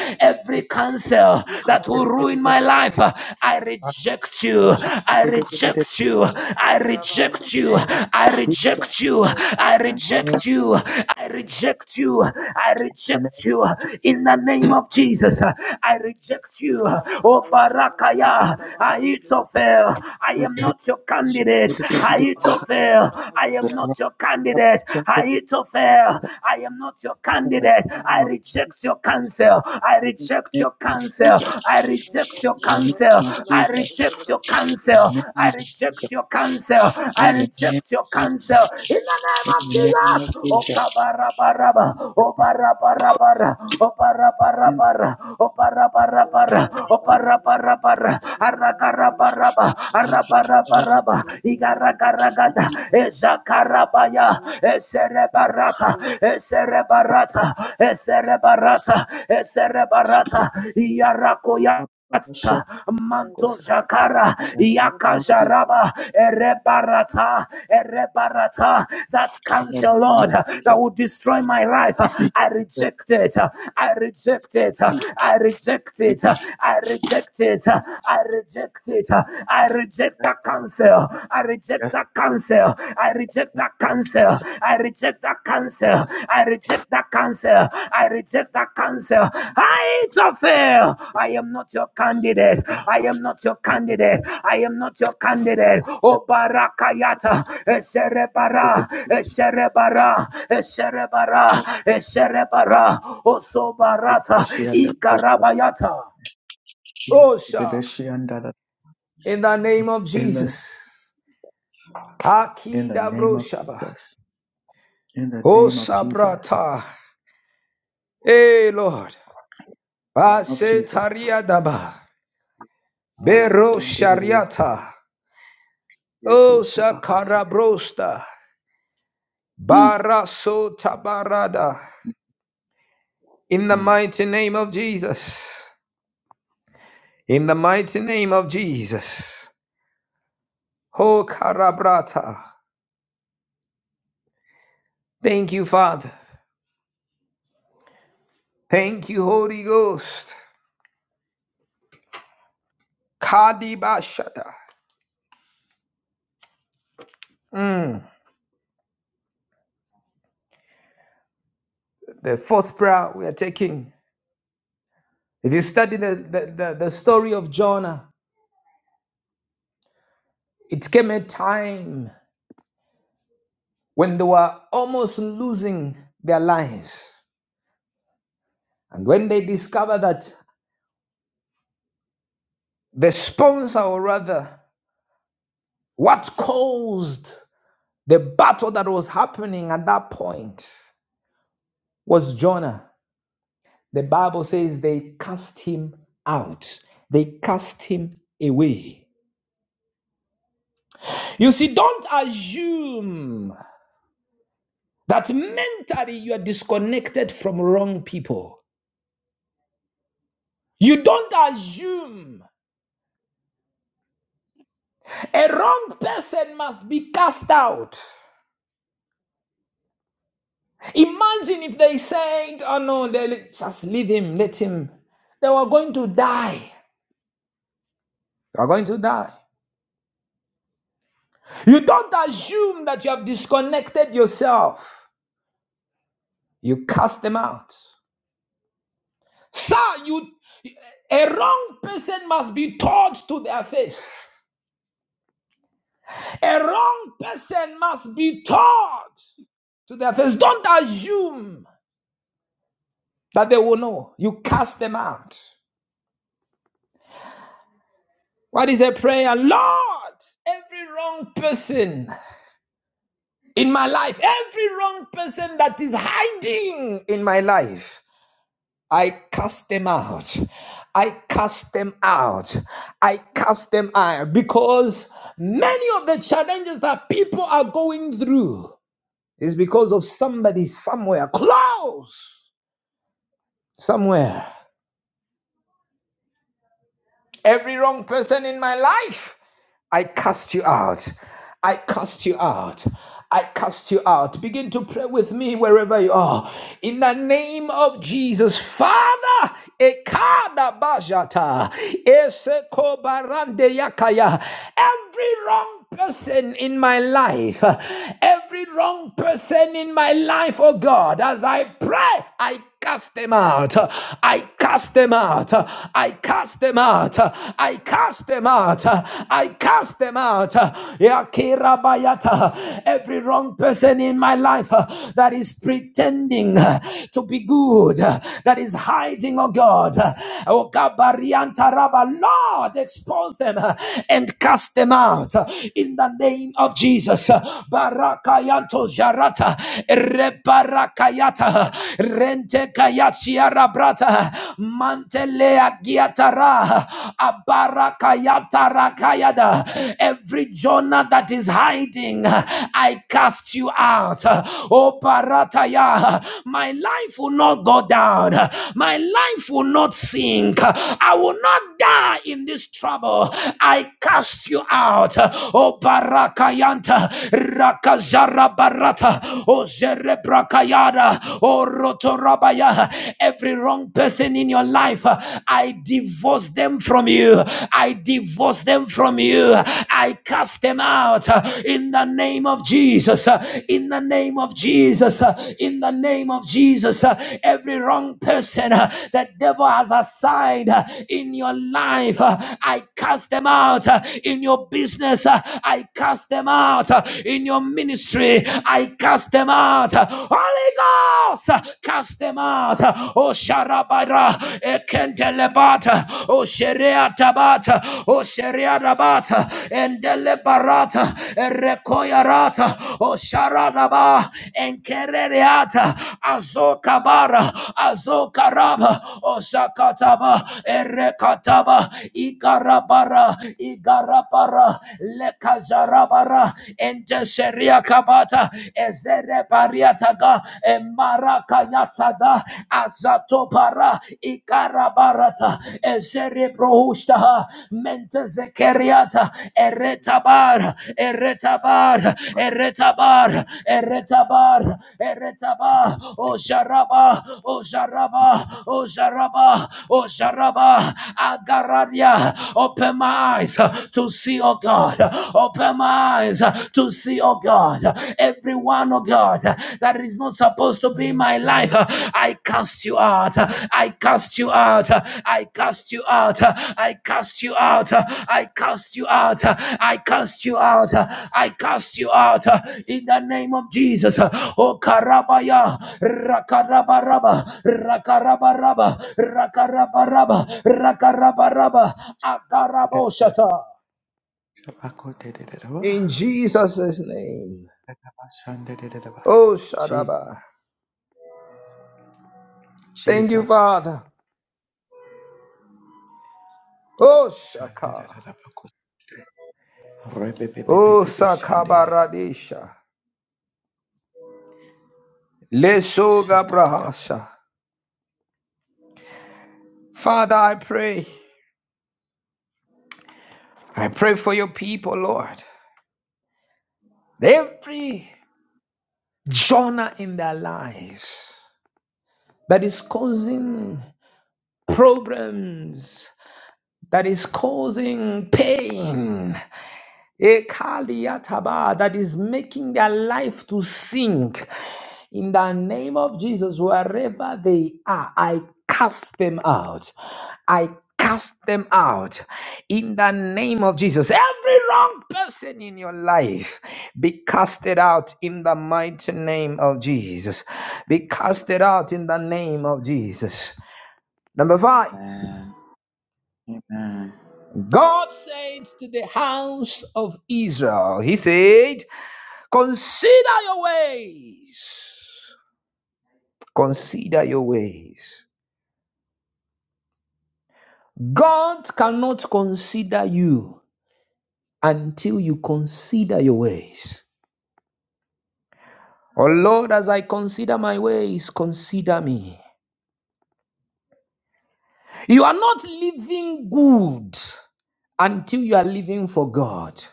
C: Yes,
A: every cancel
C: Thank
A: that will ruin my life I reject you I reject you you. I reject you. I reject you. I reject you. I reject you. I reject you. In the name of Jesus, I reject you. Oh, Barakaya. Ahithophel. I am not your candidate. Ahithophel. I am not your candidate.
B: Thank you.
A: Ahithophel. I am not your
B: In the
A: candidate.
B: name
A: I
B: of Jesus,
A: reject your counsel. I
B: in
A: reject
B: the
A: your
B: name of
A: counsel.
B: Jesus,
A: I reject your
B: in the
A: counsel.
B: name of
A: I reject
B: Jesus,
A: reject your
B: in
A: cancer.
B: the name
A: I
B: of Jesus,
A: reject your cancer. I
B: in the name of
A: reject your cancer.
B: Jesus,
A: In the name
B: in
A: of
B: the name of Jesus, in the name of Jesus, in the name of Jesus, in the name of
A: Jesus.
B: Jesus,
A: Okabarabaraba. Obarabarabara. Obarabarabara. Obarabarabara. Obarabarabara. Arakarabaraba.
B: the
A: Arabarabaraba. Igaragaragada. Ezakarabaya. Eserebarata. Eserebarata. Eserebarata. Eserebarata. Yarakoya. Manto Jakara,
B: name of Jesus,
C: you.
A: Yakajaraba, Erebarata, Erebarata, that
B: yes,
A: cancer, Lord, that will destroy my life. I reject it. I reject it. I reject it. I reject it. I reject it. I reject that
B: Lord,
A: cancer. I reject
B: yes,
A: that cancer. I reject that cancer cancer. I reject that cancer. I reject that cancer. I reject that cancer.
B: Lord, Jesus,
A: I to
B: Lord,
A: fail. I am not your
B: Jesus,
A: candidate.
B: Lord,
A: I am not your
B: Jesus,
A: candidate. I am not your candidate.
B: just
A: Oh barakayata.
B: take it
A: Eserebara.
B: to Jesus, Jesus,
A: Eserebara. Eserebara.
B: Father,
A: Eserebara. Oh
B: take
A: sobarata.
B: this year and that.
A: Ikarabayata. Osha.
B: In
A: In the name of
B: the
A: Jesus.
B: in the name of
A: Akidabrosha.
B: Jesus. In the
A: Oh
B: name of Jesus.
A: sabrata. Hey, Lord.
B: Of Jesus.
A: Basetaria daba. Bero
B: Alabatundirias.
A: shariata.
B: Yeto
A: O
B: shabakasite.
A: shakarabrosta.
B: Mm.
A: Baraso tabarada. In the
B: Mm.
A: mighty name of Jesus. In the mighty name of Jesus. Ho karabrata. Thank you, Father. Thank you, Holy Ghost. Kadibashata. Mm. The fourth prayer we are taking. If you study the, the, the, the story of Jonah, it came a time. when they were almost losing their lives. And when they discover that the sponsor, or rather, what caused the battle that was happening at that point was Jonah. The Bible says they cast him out, they cast him away. You see, don't assume that mentally you are disconnected from wrong people. You don't assume a wrong person must be cast out. Imagine if they said, Oh no, they, just leave him, let him. They were going to die. They were going to die. You don't assume that you have disconnected yourself, you cast them out. Sir, you, a wrong person must be taught to their face. A wrong person must be taught to their face. Don't assume that they will know. You cast them out. What is a prayer? Lord, every wrong person. in my life, every wrong person that is hiding in my life, I cast them out. I cast them out. I cast them out because many of the challenges that people are going through is because of somebody somewhere close, somewhere every wrong person in my life. I cast you out. I cast you out. I cast you out. Begin to pray with me wherever you are. In the name of Jesus, Father, Ekada Bajata, Eseko Barande Yakaya, every wrong person in my life, every wrong person in my life, oh God, as I pray, I cast them out. I cast them out. I cast them out. I cast them out. I cast them out. Yakirabayata. Every wrong person in my life uh, that is pretending uh, to be good, uh, that is hiding, oh God. Oh Gabariantaraba. Lord, expose them uh, and cast them out uh, in the name of Jesus. Barakayanto Jarata. Yata Rente Kayashia Rabrata Mantelea Giatara Abara Kayata Rakayada Every Jonah that is hiding, I cast you out. O Parataya, my life will not go down. My life will not sink. I will not die in this trouble. I cast you out. O Barakayanta Rakazara Barata. Oh Zerebrakayada, Orotorabaya. Every wrong person in your life, uh, I divorce them from you. I divorce them from you. I cast them out uh, in the name of Jesus. uh, In the name of Jesus. uh, In the name of Jesus. uh, Every wrong person uh, that devil has assigned uh, in your life, uh, I cast them out uh, in your business. uh, I cast them out uh, in your ministry ministry. I cast them out. Holy Ghost, cast them out. Oh Sharabara, Ekentelebata, Oh Sheriatabata, Oh Sheriarabata, Endelebarata, Erekoyarata, Oh Sharadaba, Enkerereata, Azokabara, Azokaraba, Oh sakataba, Erekataba, igarabara, Igarabara, Lekazarabara, Enjesheria kabata ezere pariataga emaraka yasada azato para ikarabarata ezere prohustaha mentezekeriata eretabar eretabar eretabar eretabar eretaba osharaba osharaba osharaba osharaba agararia open my eyes to see oh God Open my eyes uh, to see, oh God, everyone, oh God, uh, that is not supposed to be in my life. Uh, I cast you out. uh, I cast you out. uh, I cast you out. uh, I cast you out. uh, I cast you out. uh, I cast you out. uh, I cast you out uh, in the name of Jesus. Uh, Oh Karabaya Rakarabaraba Rakarabaraba Rakarabaraba Rakarabaraba Akaraboshata.
B: Shabakoteteteteba.
A: In Jesus' name.
B: Rakabashandedeba.
A: Oh,
B: Je-
A: Shadaba. Thank you,
B: Jesus.
A: Father. Oh, Shaka.
B: Shandedebakute.
A: Oh,
B: Rebebebebebe shande.
A: Sakabaradisha. Lesoga
B: Shatatata.
A: Brahasa. Father, I pray. I pray for your people, Lord. Every Jonah in their lives that is causing problems, that is causing pain. Ekaliataba, that is making their life to sink. In the name of Jesus, wherever they are, I cast them out. I cast them out. In the name of Jesus, every wrong person in your life be casted out in the mighty name of Jesus. Be casted out in the name of Jesus. Number five.
B: Amen. Amen.
A: God said to the house of Israel, He said, Consider your ways. Consider your ways. God cannot consider you until you consider your ways. Oh Lord, as I consider my ways, consider me. You are not living good until you are living for God.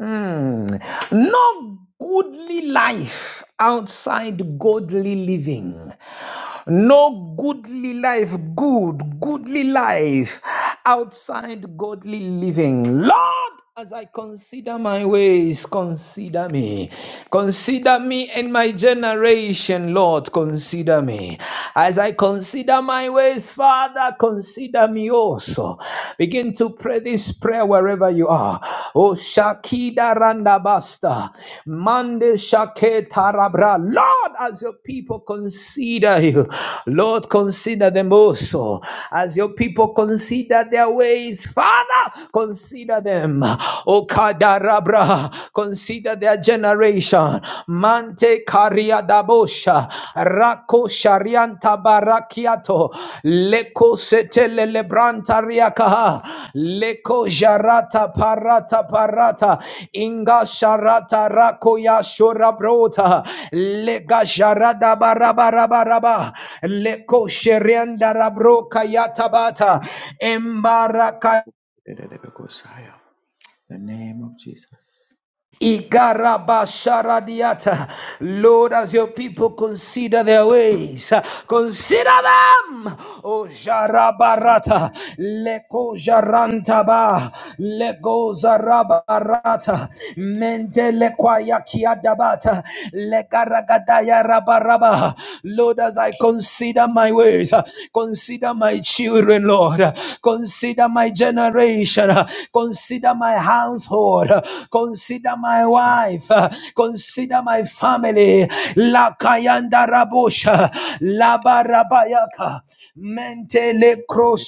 A: Mm. No goodly life outside godly living. No goodly life, good, goodly life outside godly living. Lord, as I consider my ways, consider me. Consider me and my generation, Lord, consider me. As I consider my ways, Father, consider me also. Begin begin to pray this prayer wherever you are. Oh, Shakida Randabasta, Mande Shaketa Rabra. Lord, as your people consider you, Lord, consider them also. As your people consider their ways, Father, consider them. Oh, Kadarabra, consider their generation. Mante Karia Dabosha, Rako Sharianta Barakiato leko setele lebranta riakaha leko jarata parata parata inga sharata rakoya ya shora brota lega jarada barabara baraba leko sherianda rabroka yatabata embaraka.
B: Shandedebekosaya. The name of Jesus.
A: Ikarabasharadiata. Lord, as your people consider their ways, consider them. O
B: and the
A: Jarabarata, Leko Jarantaba, Leko Zarabarata, Mente Lequayakiadabata, Lekaragadaya Rabaraba. Lord, as I consider Consider my ways. uh, Consider my children, Lord. uh, Consider my generation. uh, Consider my household. uh, Consider my
B: church
A: wife. uh, Consider
B: the
A: my family.
B: church
A: La kayanda rabosha. La barabayaka. Mentele
B: completed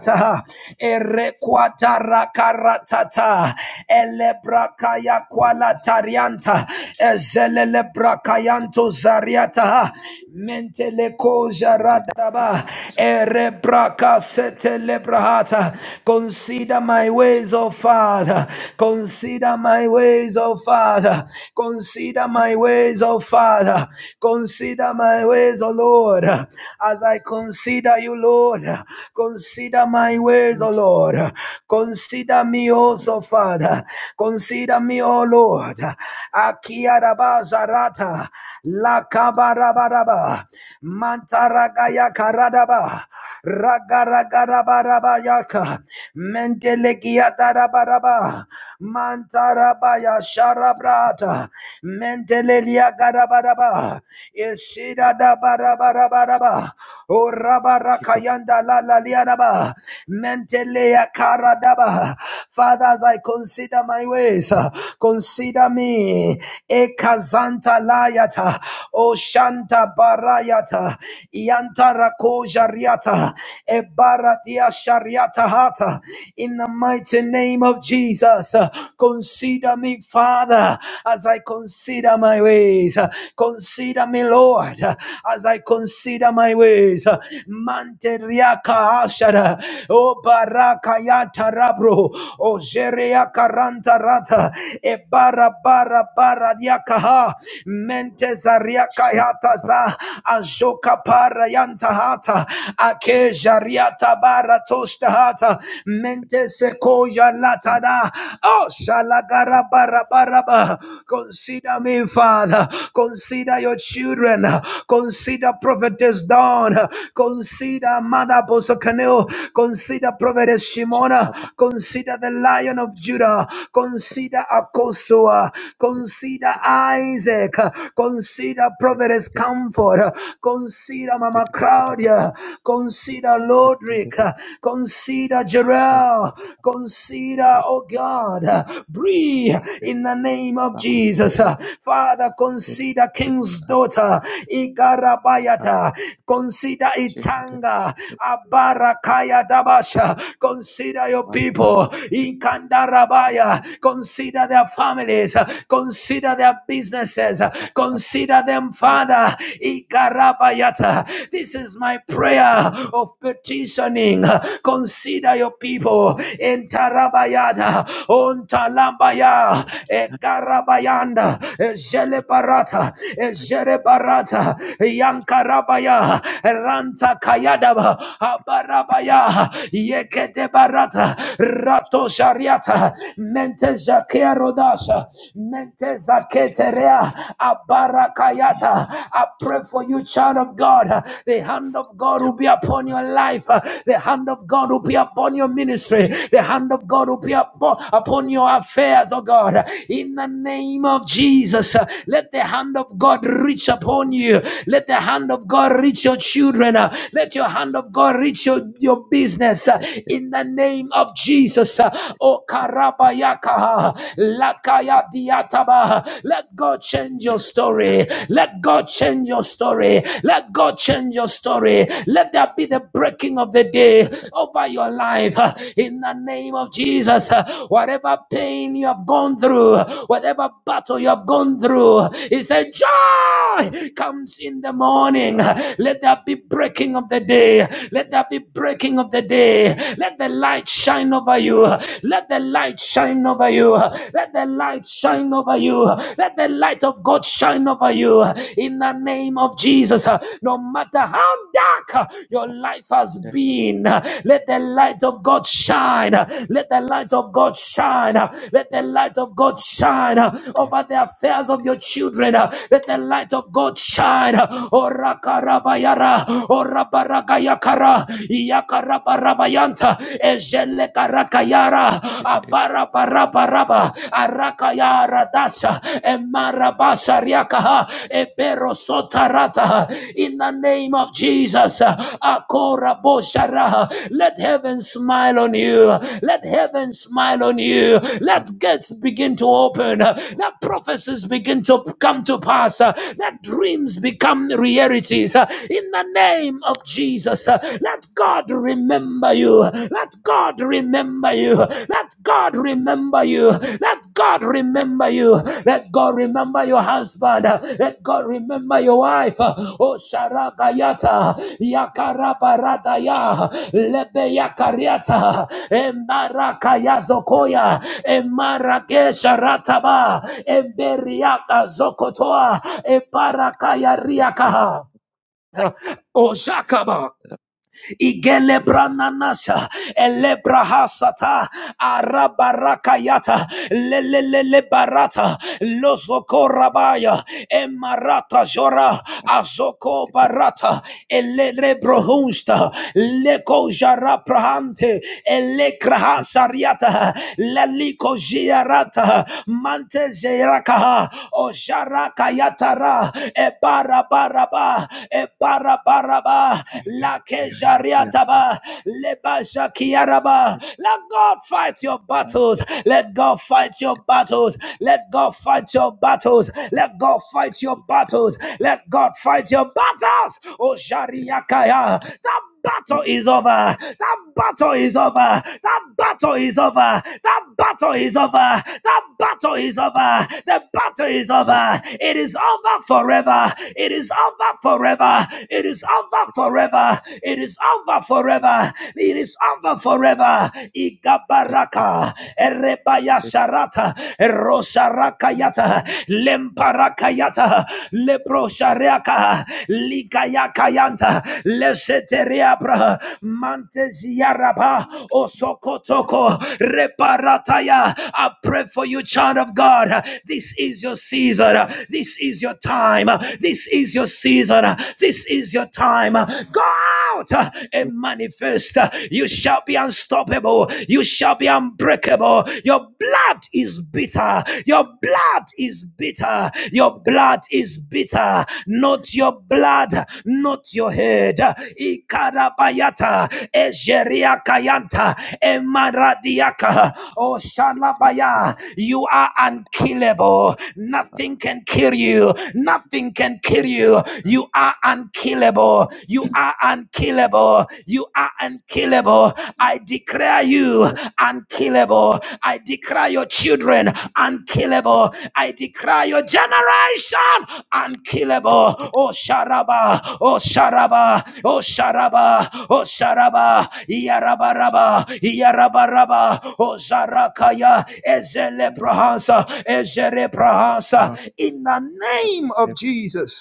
B: our
A: Erequata rakarata.
B: completed
A: Tata Elebrakaya Kuala Tarianta Ezelelebrakayanto Zariata Menteleko
B: dedicated to
A: Jaradaba
B: Shaddai
A: Erebraka
B: by the
A: Setelebrahata Consider my ways, O Father. Consider my ways, O Father. Consider
B: and
A: my
B: our
A: ways,
B: not
A: O Father. Consider my
B: not
A: ways, O Lord. As I consider you, Lord, consider my
B: command
A: ways, O Lord. Consider me
B: as
A: also, Father. Consider me, O Lord. Akiarabazarata. Lakabarabaraba. Mantaragayakaradaba. Ragaragarabarabaya. Mentelegiatarabaraba. Mantarabaya Sharabrata. Mentelelia Garabaraba. Isida da Barabaraba. O
B: seek of
A: Rabarakayanda la la liaraba. Mentelea karadaba. Father, as I consider my ways, uh, consider me. Ekazanta layata. Oshanta barayata. Yanta rakoja riata. Ebaratia shariata hata. In the mighty name of Jesus, uh, consider me, Father, as I consider my ways. Consider me, Lord, as I consider my ways. Manteriaka ashara, o baraka yata rabro, o jereaka ranta rata, e bara bara bara diakaha, mente zariaka
B: shed
A: yata
B: papa
A: za, ajoka para yanta hata, ake jariata bara toshta hata, mente sekoya
B: jump
A: latana, o
B: up
A: shalagara bara bara ba, Consider me, Father. Consider your children. Consider Prophetess Dawn. Consider Mother Bosokaneo. Consider Prophetess
B: she
A: Shimona.
B: papa
A: Consider the Lion of
B: she took
A: Judah. Consider Akosua. Consider Isaac. Consider Providence Comfort. Consider Mama Claudia. Consider Lodrick. Consider Jarrell. Consider, oh God, breathe in the name of Jesus. Father, consider King's daughter.
B: the
A: Ikarabayata. Consider Itanga. Abarakaya Dabasha. Consider your people. in Kandarabaya. Consider their families. Consider their businesses. Consider them, Father. Ikarabayata. This is my prayer of petitioning. Consider your people. in Entarabayata. Ontalambaya. Ekarabayanda. Jelebarata. Jerebarata. Yankarabaya. Barabaya, Ranta Kayadaba, Abarabaya, Yekete Barata, Rato Shariata, Mente Zakerodasha, menteza Zaketerea, Abarakayata. I pray for you, child of God. The hand of God will be upon your life. The hand of God will be upon your ministry. The hand of God will be upon your affairs, oh God. In the name of Jesus, let the hand of God reach upon you. Let the hand of God God reach your children. uh, Let your hand of God reach your, your business uh, in the name of Jesus. uh, Oh, Karabayakaha, Lakaya Diataba. Let God change your story. Let God change your story. Let God change your story. Let there be the breaking of the day over your life uh, in the name of Jesus. uh, Whatever pain you have gone through, whatever battle you have gone through, He said, Joy comes in the morning. Let there be breaking of the day. Let there be breaking of the day. Let the light shine over you. Let the light shine over you. Let the light shine over you. Let the light of God shine over you. In the name of Jesus, no matter how dark your life has been, let the light of God shine. Let the light of God shine. Let the light of God shine over the affairs of your children. Let the light of God shine. Oh, Raka yakarabayara orabaragayakara yakarabarabayanta ejelekarakayara abarabarabaraba Arakayara Dasha emarabasha emarabasariakaha eberosotarata in the name of Jesus akora akoraboshara let heaven smile on you let heaven smile on you let gates begin to open let prophecies begin to come to pass let dreams become reality authorities uh, in the name of Jesus. uh, Let God remember you. Let God remember you. Let God remember you. Let God remember you. Let God remember your husband. uh, Let God remember your wife. uh, Oh Sharakayata Yakarabaradaya Lebeyakariata Embarakayazokoya Emarakesharataba Emberiaka Zokotoa Eparakayariakaha. Oshakaba igelebrananasa elebrahasata arabarakayata lelelelebarata
B: Jesus.
A: lozokorabaya emarata zora azoko
B: Thank
A: barata elelebrohunsta lekojaraprahante elekrahasariata lalikojiarata mantejerakaha ojarakayatara ebarabaraba ebarabaraba la La kejariataba, leba shakiaraba. Let God fight your battles. Let God fight your battles. Let God fight your battles. Let God fight your battles. Let God fight your battles. Oh, Shariakaya. That battle is over. That battle is over. That battle is over. That battle is over. That battle is over. The battle is over. It is over forever. It is over forever. It is over forever. It is over forever. It is over forever. Igabaraka. Erebaya sharata. Erosaraka yata. Lembaraka yata. Lepro shariaka. Likayakayanta. Leseteriabra. Manteziaraba. Osokotoko. Reparataya. I pray for you, child of God. This is your season. This is your time. This is your season. This is your time. Go out and manifest. You shall be unstoppable. You shall be unbreakable. Your blood blood is bitter. Your blood is bitter. Your blood is bitter. Not your blood, not your head. Ikarabayata, Ejeria Kayanta, Emaradiaka, Oshalabaya. You are unkillable. Nothing can kill you. Nothing can kill you. You are unkillable. You are unkillable. You are unkillable unkillable. I declare you unkillable. I declare your children unkillable. I declare your generation unkillable. Oh Sharaba, oh Sharaba, oh Sharaba, oh Sharaba, Yarabaraba, Yarabaraba, oh Zarakaya, Ezeleprahansa, Ezereprahansa. In the name
B: you.
A: of Jesus,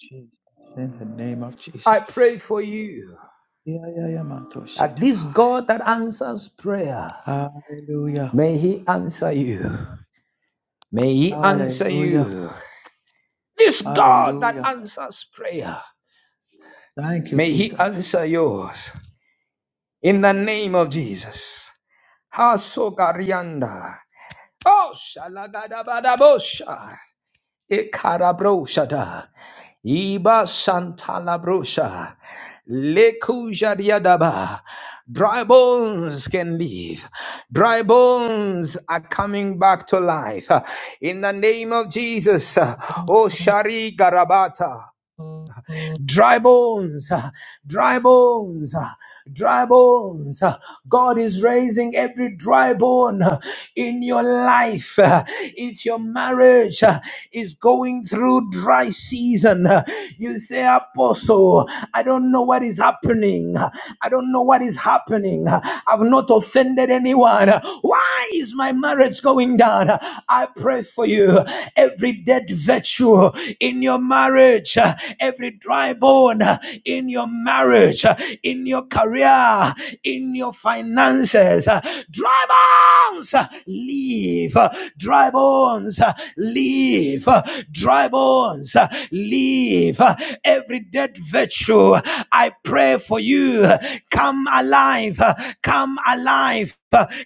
B: Jesus, in the name of
A: I pray
B: Jesus.
A: for you
B: Yeah, yeah, yeah, man, to shit,
A: that
B: yeah,
A: this
B: bye.
A: God that answers prayer
B: Hallelujah.
A: May He answer you. May He answer
B: Hallelujah.
A: you. This God that
B: Hallelujah.
A: answers prayer,
B: Thank you,
A: may He answer
B: Jesus.
A: yours. In the name of Jesus. Hasogarianda. Oh, shalagadabadabosha. Ikarabroshada. Iba Santa Labrosha. Lekujariadaba. Dry bones can live. Dry bones are coming back to life. In the name of Jesus. Oh Shari Garabata. Dry bones, ah, dry bones, ah, dry bones. ah. God is raising every dry bone ah, in your life. ah. If your marriage ah, is going through dry season, ah, you say, Apostle, I don't know what is happening. I don't know what is happening. I've not offended anyone. Why is my marriage going down? I pray for you. Every dead virtue, in your marriage, uh, every dry bone uh, in your marriage, uh, in your career, in your finances. uh, Dry bones, leave. Dry bones, leave. Dry bones, leave. Every dead virtue, I pray for you. Come alive, come alive.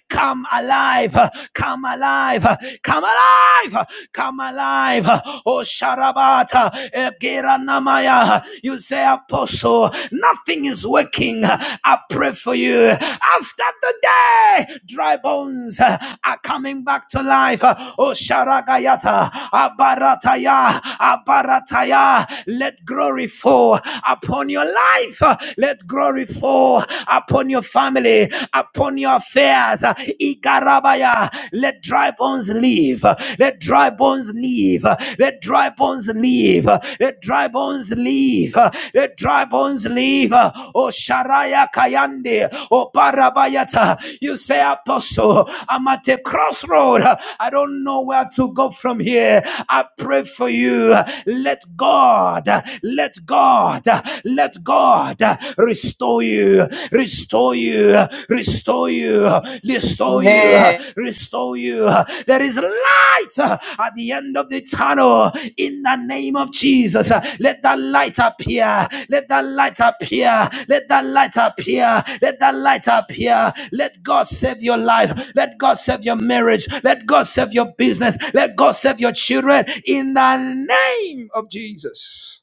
A: Come alive, come alive, come alive, come alive. Oh Sharabata, Egeranamaya. You say, apostle, nothing is working. I pray for you. After the day, dry bones are coming back to life. Oh, Sharagayata, Abarataya, Abarataya, let glory fall upon your life. Let glory fall upon your family, upon your affairs. Igarabaya, let dry bones live. Uh, Let dry bones live. Uh, Let dry bones live. Uh, Let dry bones live. Uh, Let dry bones live. Uh, Oh Sharaya Kayande. Oh Barabayata. You say, Apostle, I'm at a crossroad. Uh, I don't know where to go from here. I pray for you. Uh, Let God, uh, let God, uh, let God uh, restore you. Restore you, restore you, restore you,
D: Amen.
A: restore you. There is light uh, at the end of the tunnel in the name of Jesus. Uh, Let that light appear. Let that light appear. Let that light appear. Let that light appear. Let God save your life. Let God save your marriage. Let God save your business. Let God save your children in the name of Jesus.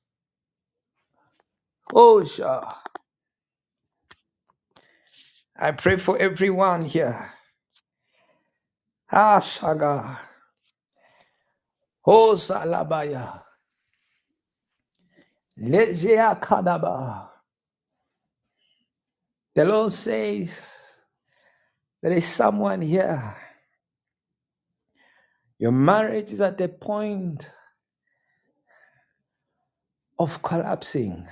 A: Oh, sure. I pray for everyone here. Asaga. Oh, Salabaya. Lezea Kadaba. The Lord says there is someone here. Your marriage is at the point of collapsing.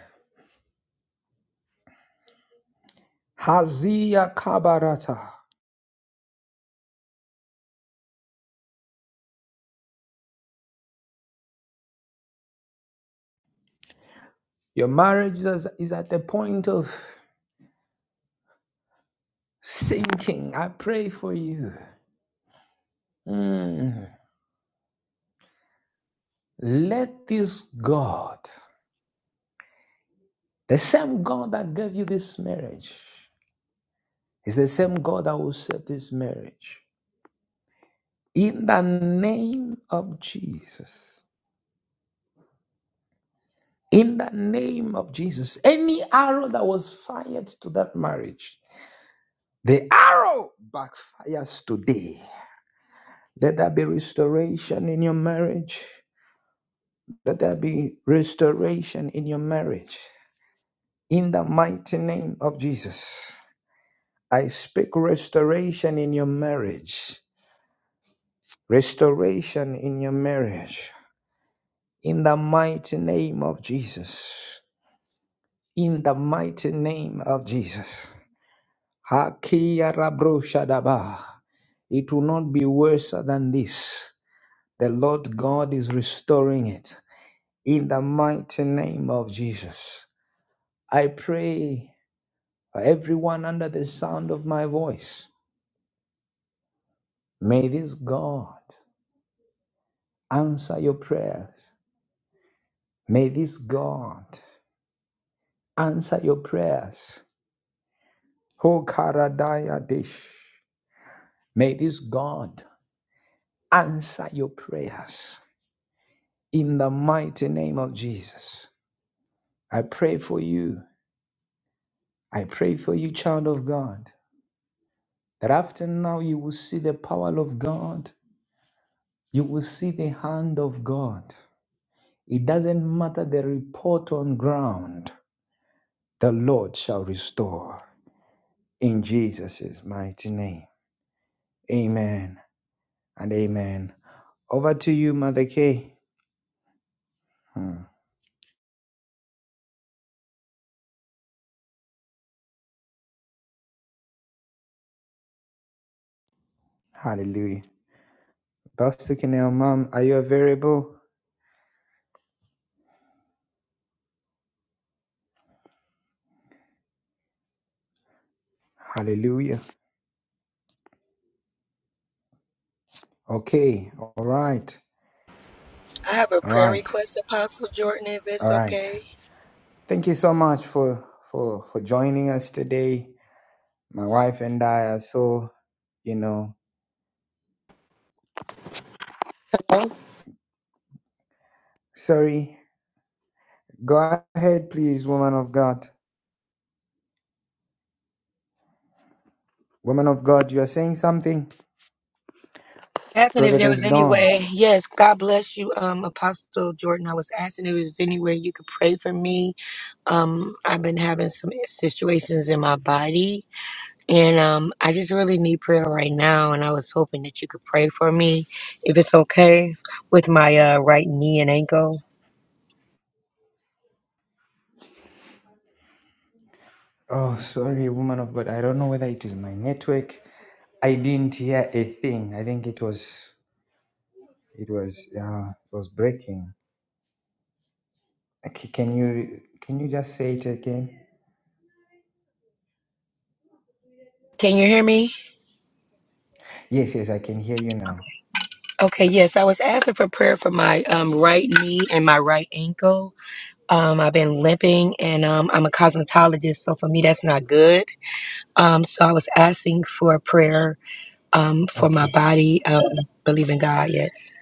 A: Hazia Kabarata. Your marriage is, is at the point of sinking. I pray for you. Mm. Let this God, the same God that gave you this marriage, is the same God that will save this marriage. In the name of Jesus. In the name of Jesus. Any arrow that was fired to that marriage, the arrow backfires today. Let there be restoration in your marriage. Let there be restoration in your marriage. In the mighty name of Jesus. I speak restoration in your marriage. Restoration in your marriage. In the mighty name of Jesus. in the mighty name of Jesus. Hakia rabro shadaba. It will not be worse than this. The Lord God is restoring it in the mighty name of Jesus. I pray for everyone under the sound of my voice. May this God answer your prayers. May this God answer your prayers. Ho karadaya dish. May this God answer your prayers. in the mighty name of Jesus. I pray for you. I pray for you, child of God, that after now you will see the power of God. You will see the hand of God. It doesn't matter the report on ground, the Lord shall restore in Jesus' mighty name. Amen and amen. Over to you, Mother Kay. Hmm.
D: I have a prayer request, Apostle Jordan, if it's okay. Hello? Asking if there was any way. Yes, God bless you, um, Apostle Jordan. I was asking if there was any way you could pray for me. Um, I've been having some situations in my body, and um, I just really need prayer right now. And I was hoping that you could pray for me, if it's okay, with my uh, right knee and ankle. Can you hear me? Okay, yes. I was asking for prayer for my um, right knee and my right ankle. Um, I've been limping and um, I'm a cosmetologist, so for me, that's not good. Um, so I was asking for prayer um, for my body. Um, believe in God, yes.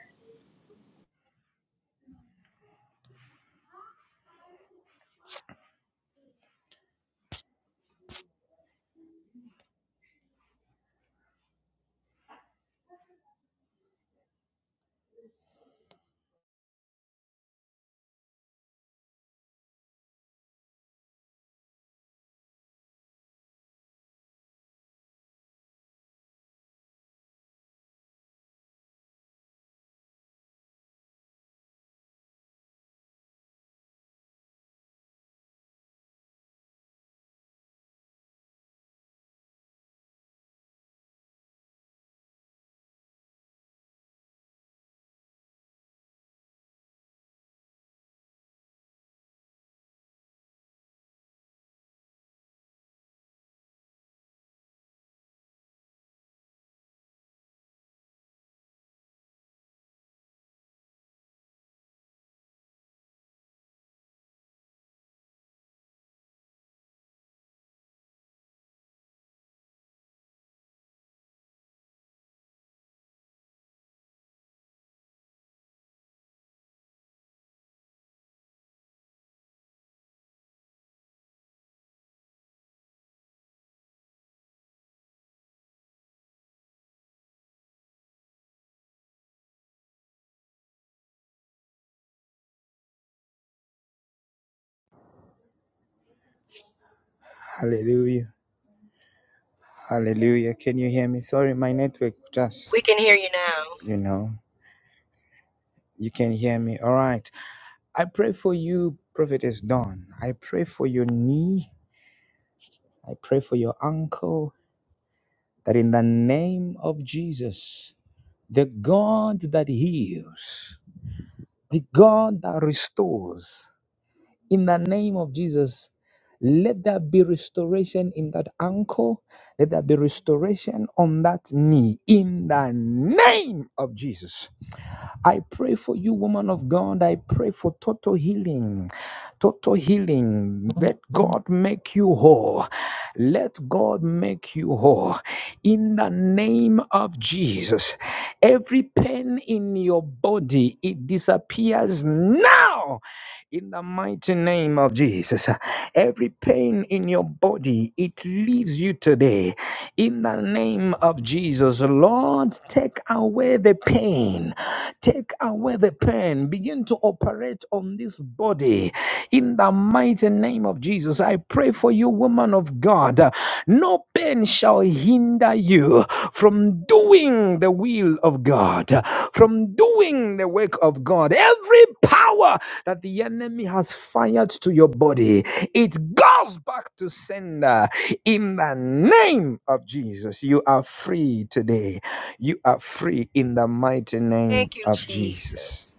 D: We can hear you now.
A: The Ankle, let there be restoration on that knee in the name of Jesus. I pray for you, woman of God. I pray for total healing. Total healing. Let God make you whole. Let God make you whole. In the name of Jesus, every pain in your body, it disappears now. In the mighty name of Jesus, every pain in your body, it leaves you today. In the name of Jesus, Lord, take away the pain. Take away the pain. Begin to operate on this body. In the mighty name of Jesus, I pray for you, woman of God. No pain shall hinder you from doing the will of God, from doing the work of God. Every power
D: Thank you, Jesus.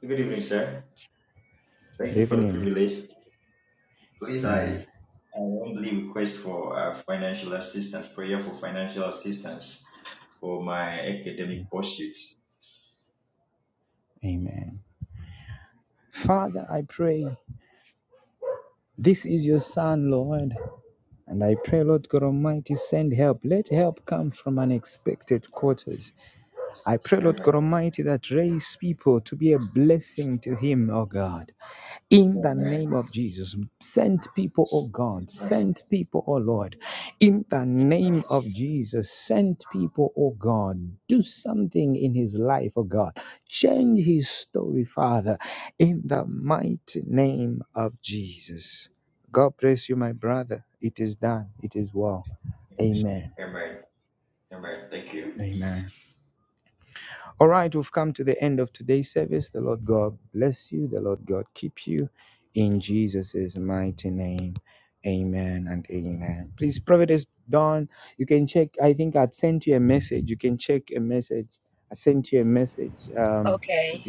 E: Good evening, sir. Thank you for the privilege. Please, I, I humbly request for uh, financial assistance, prayer for financial assistance for my academic pursuit. Amen. Amen. Amen. Amen. Amen. Thank you.
D: Okay.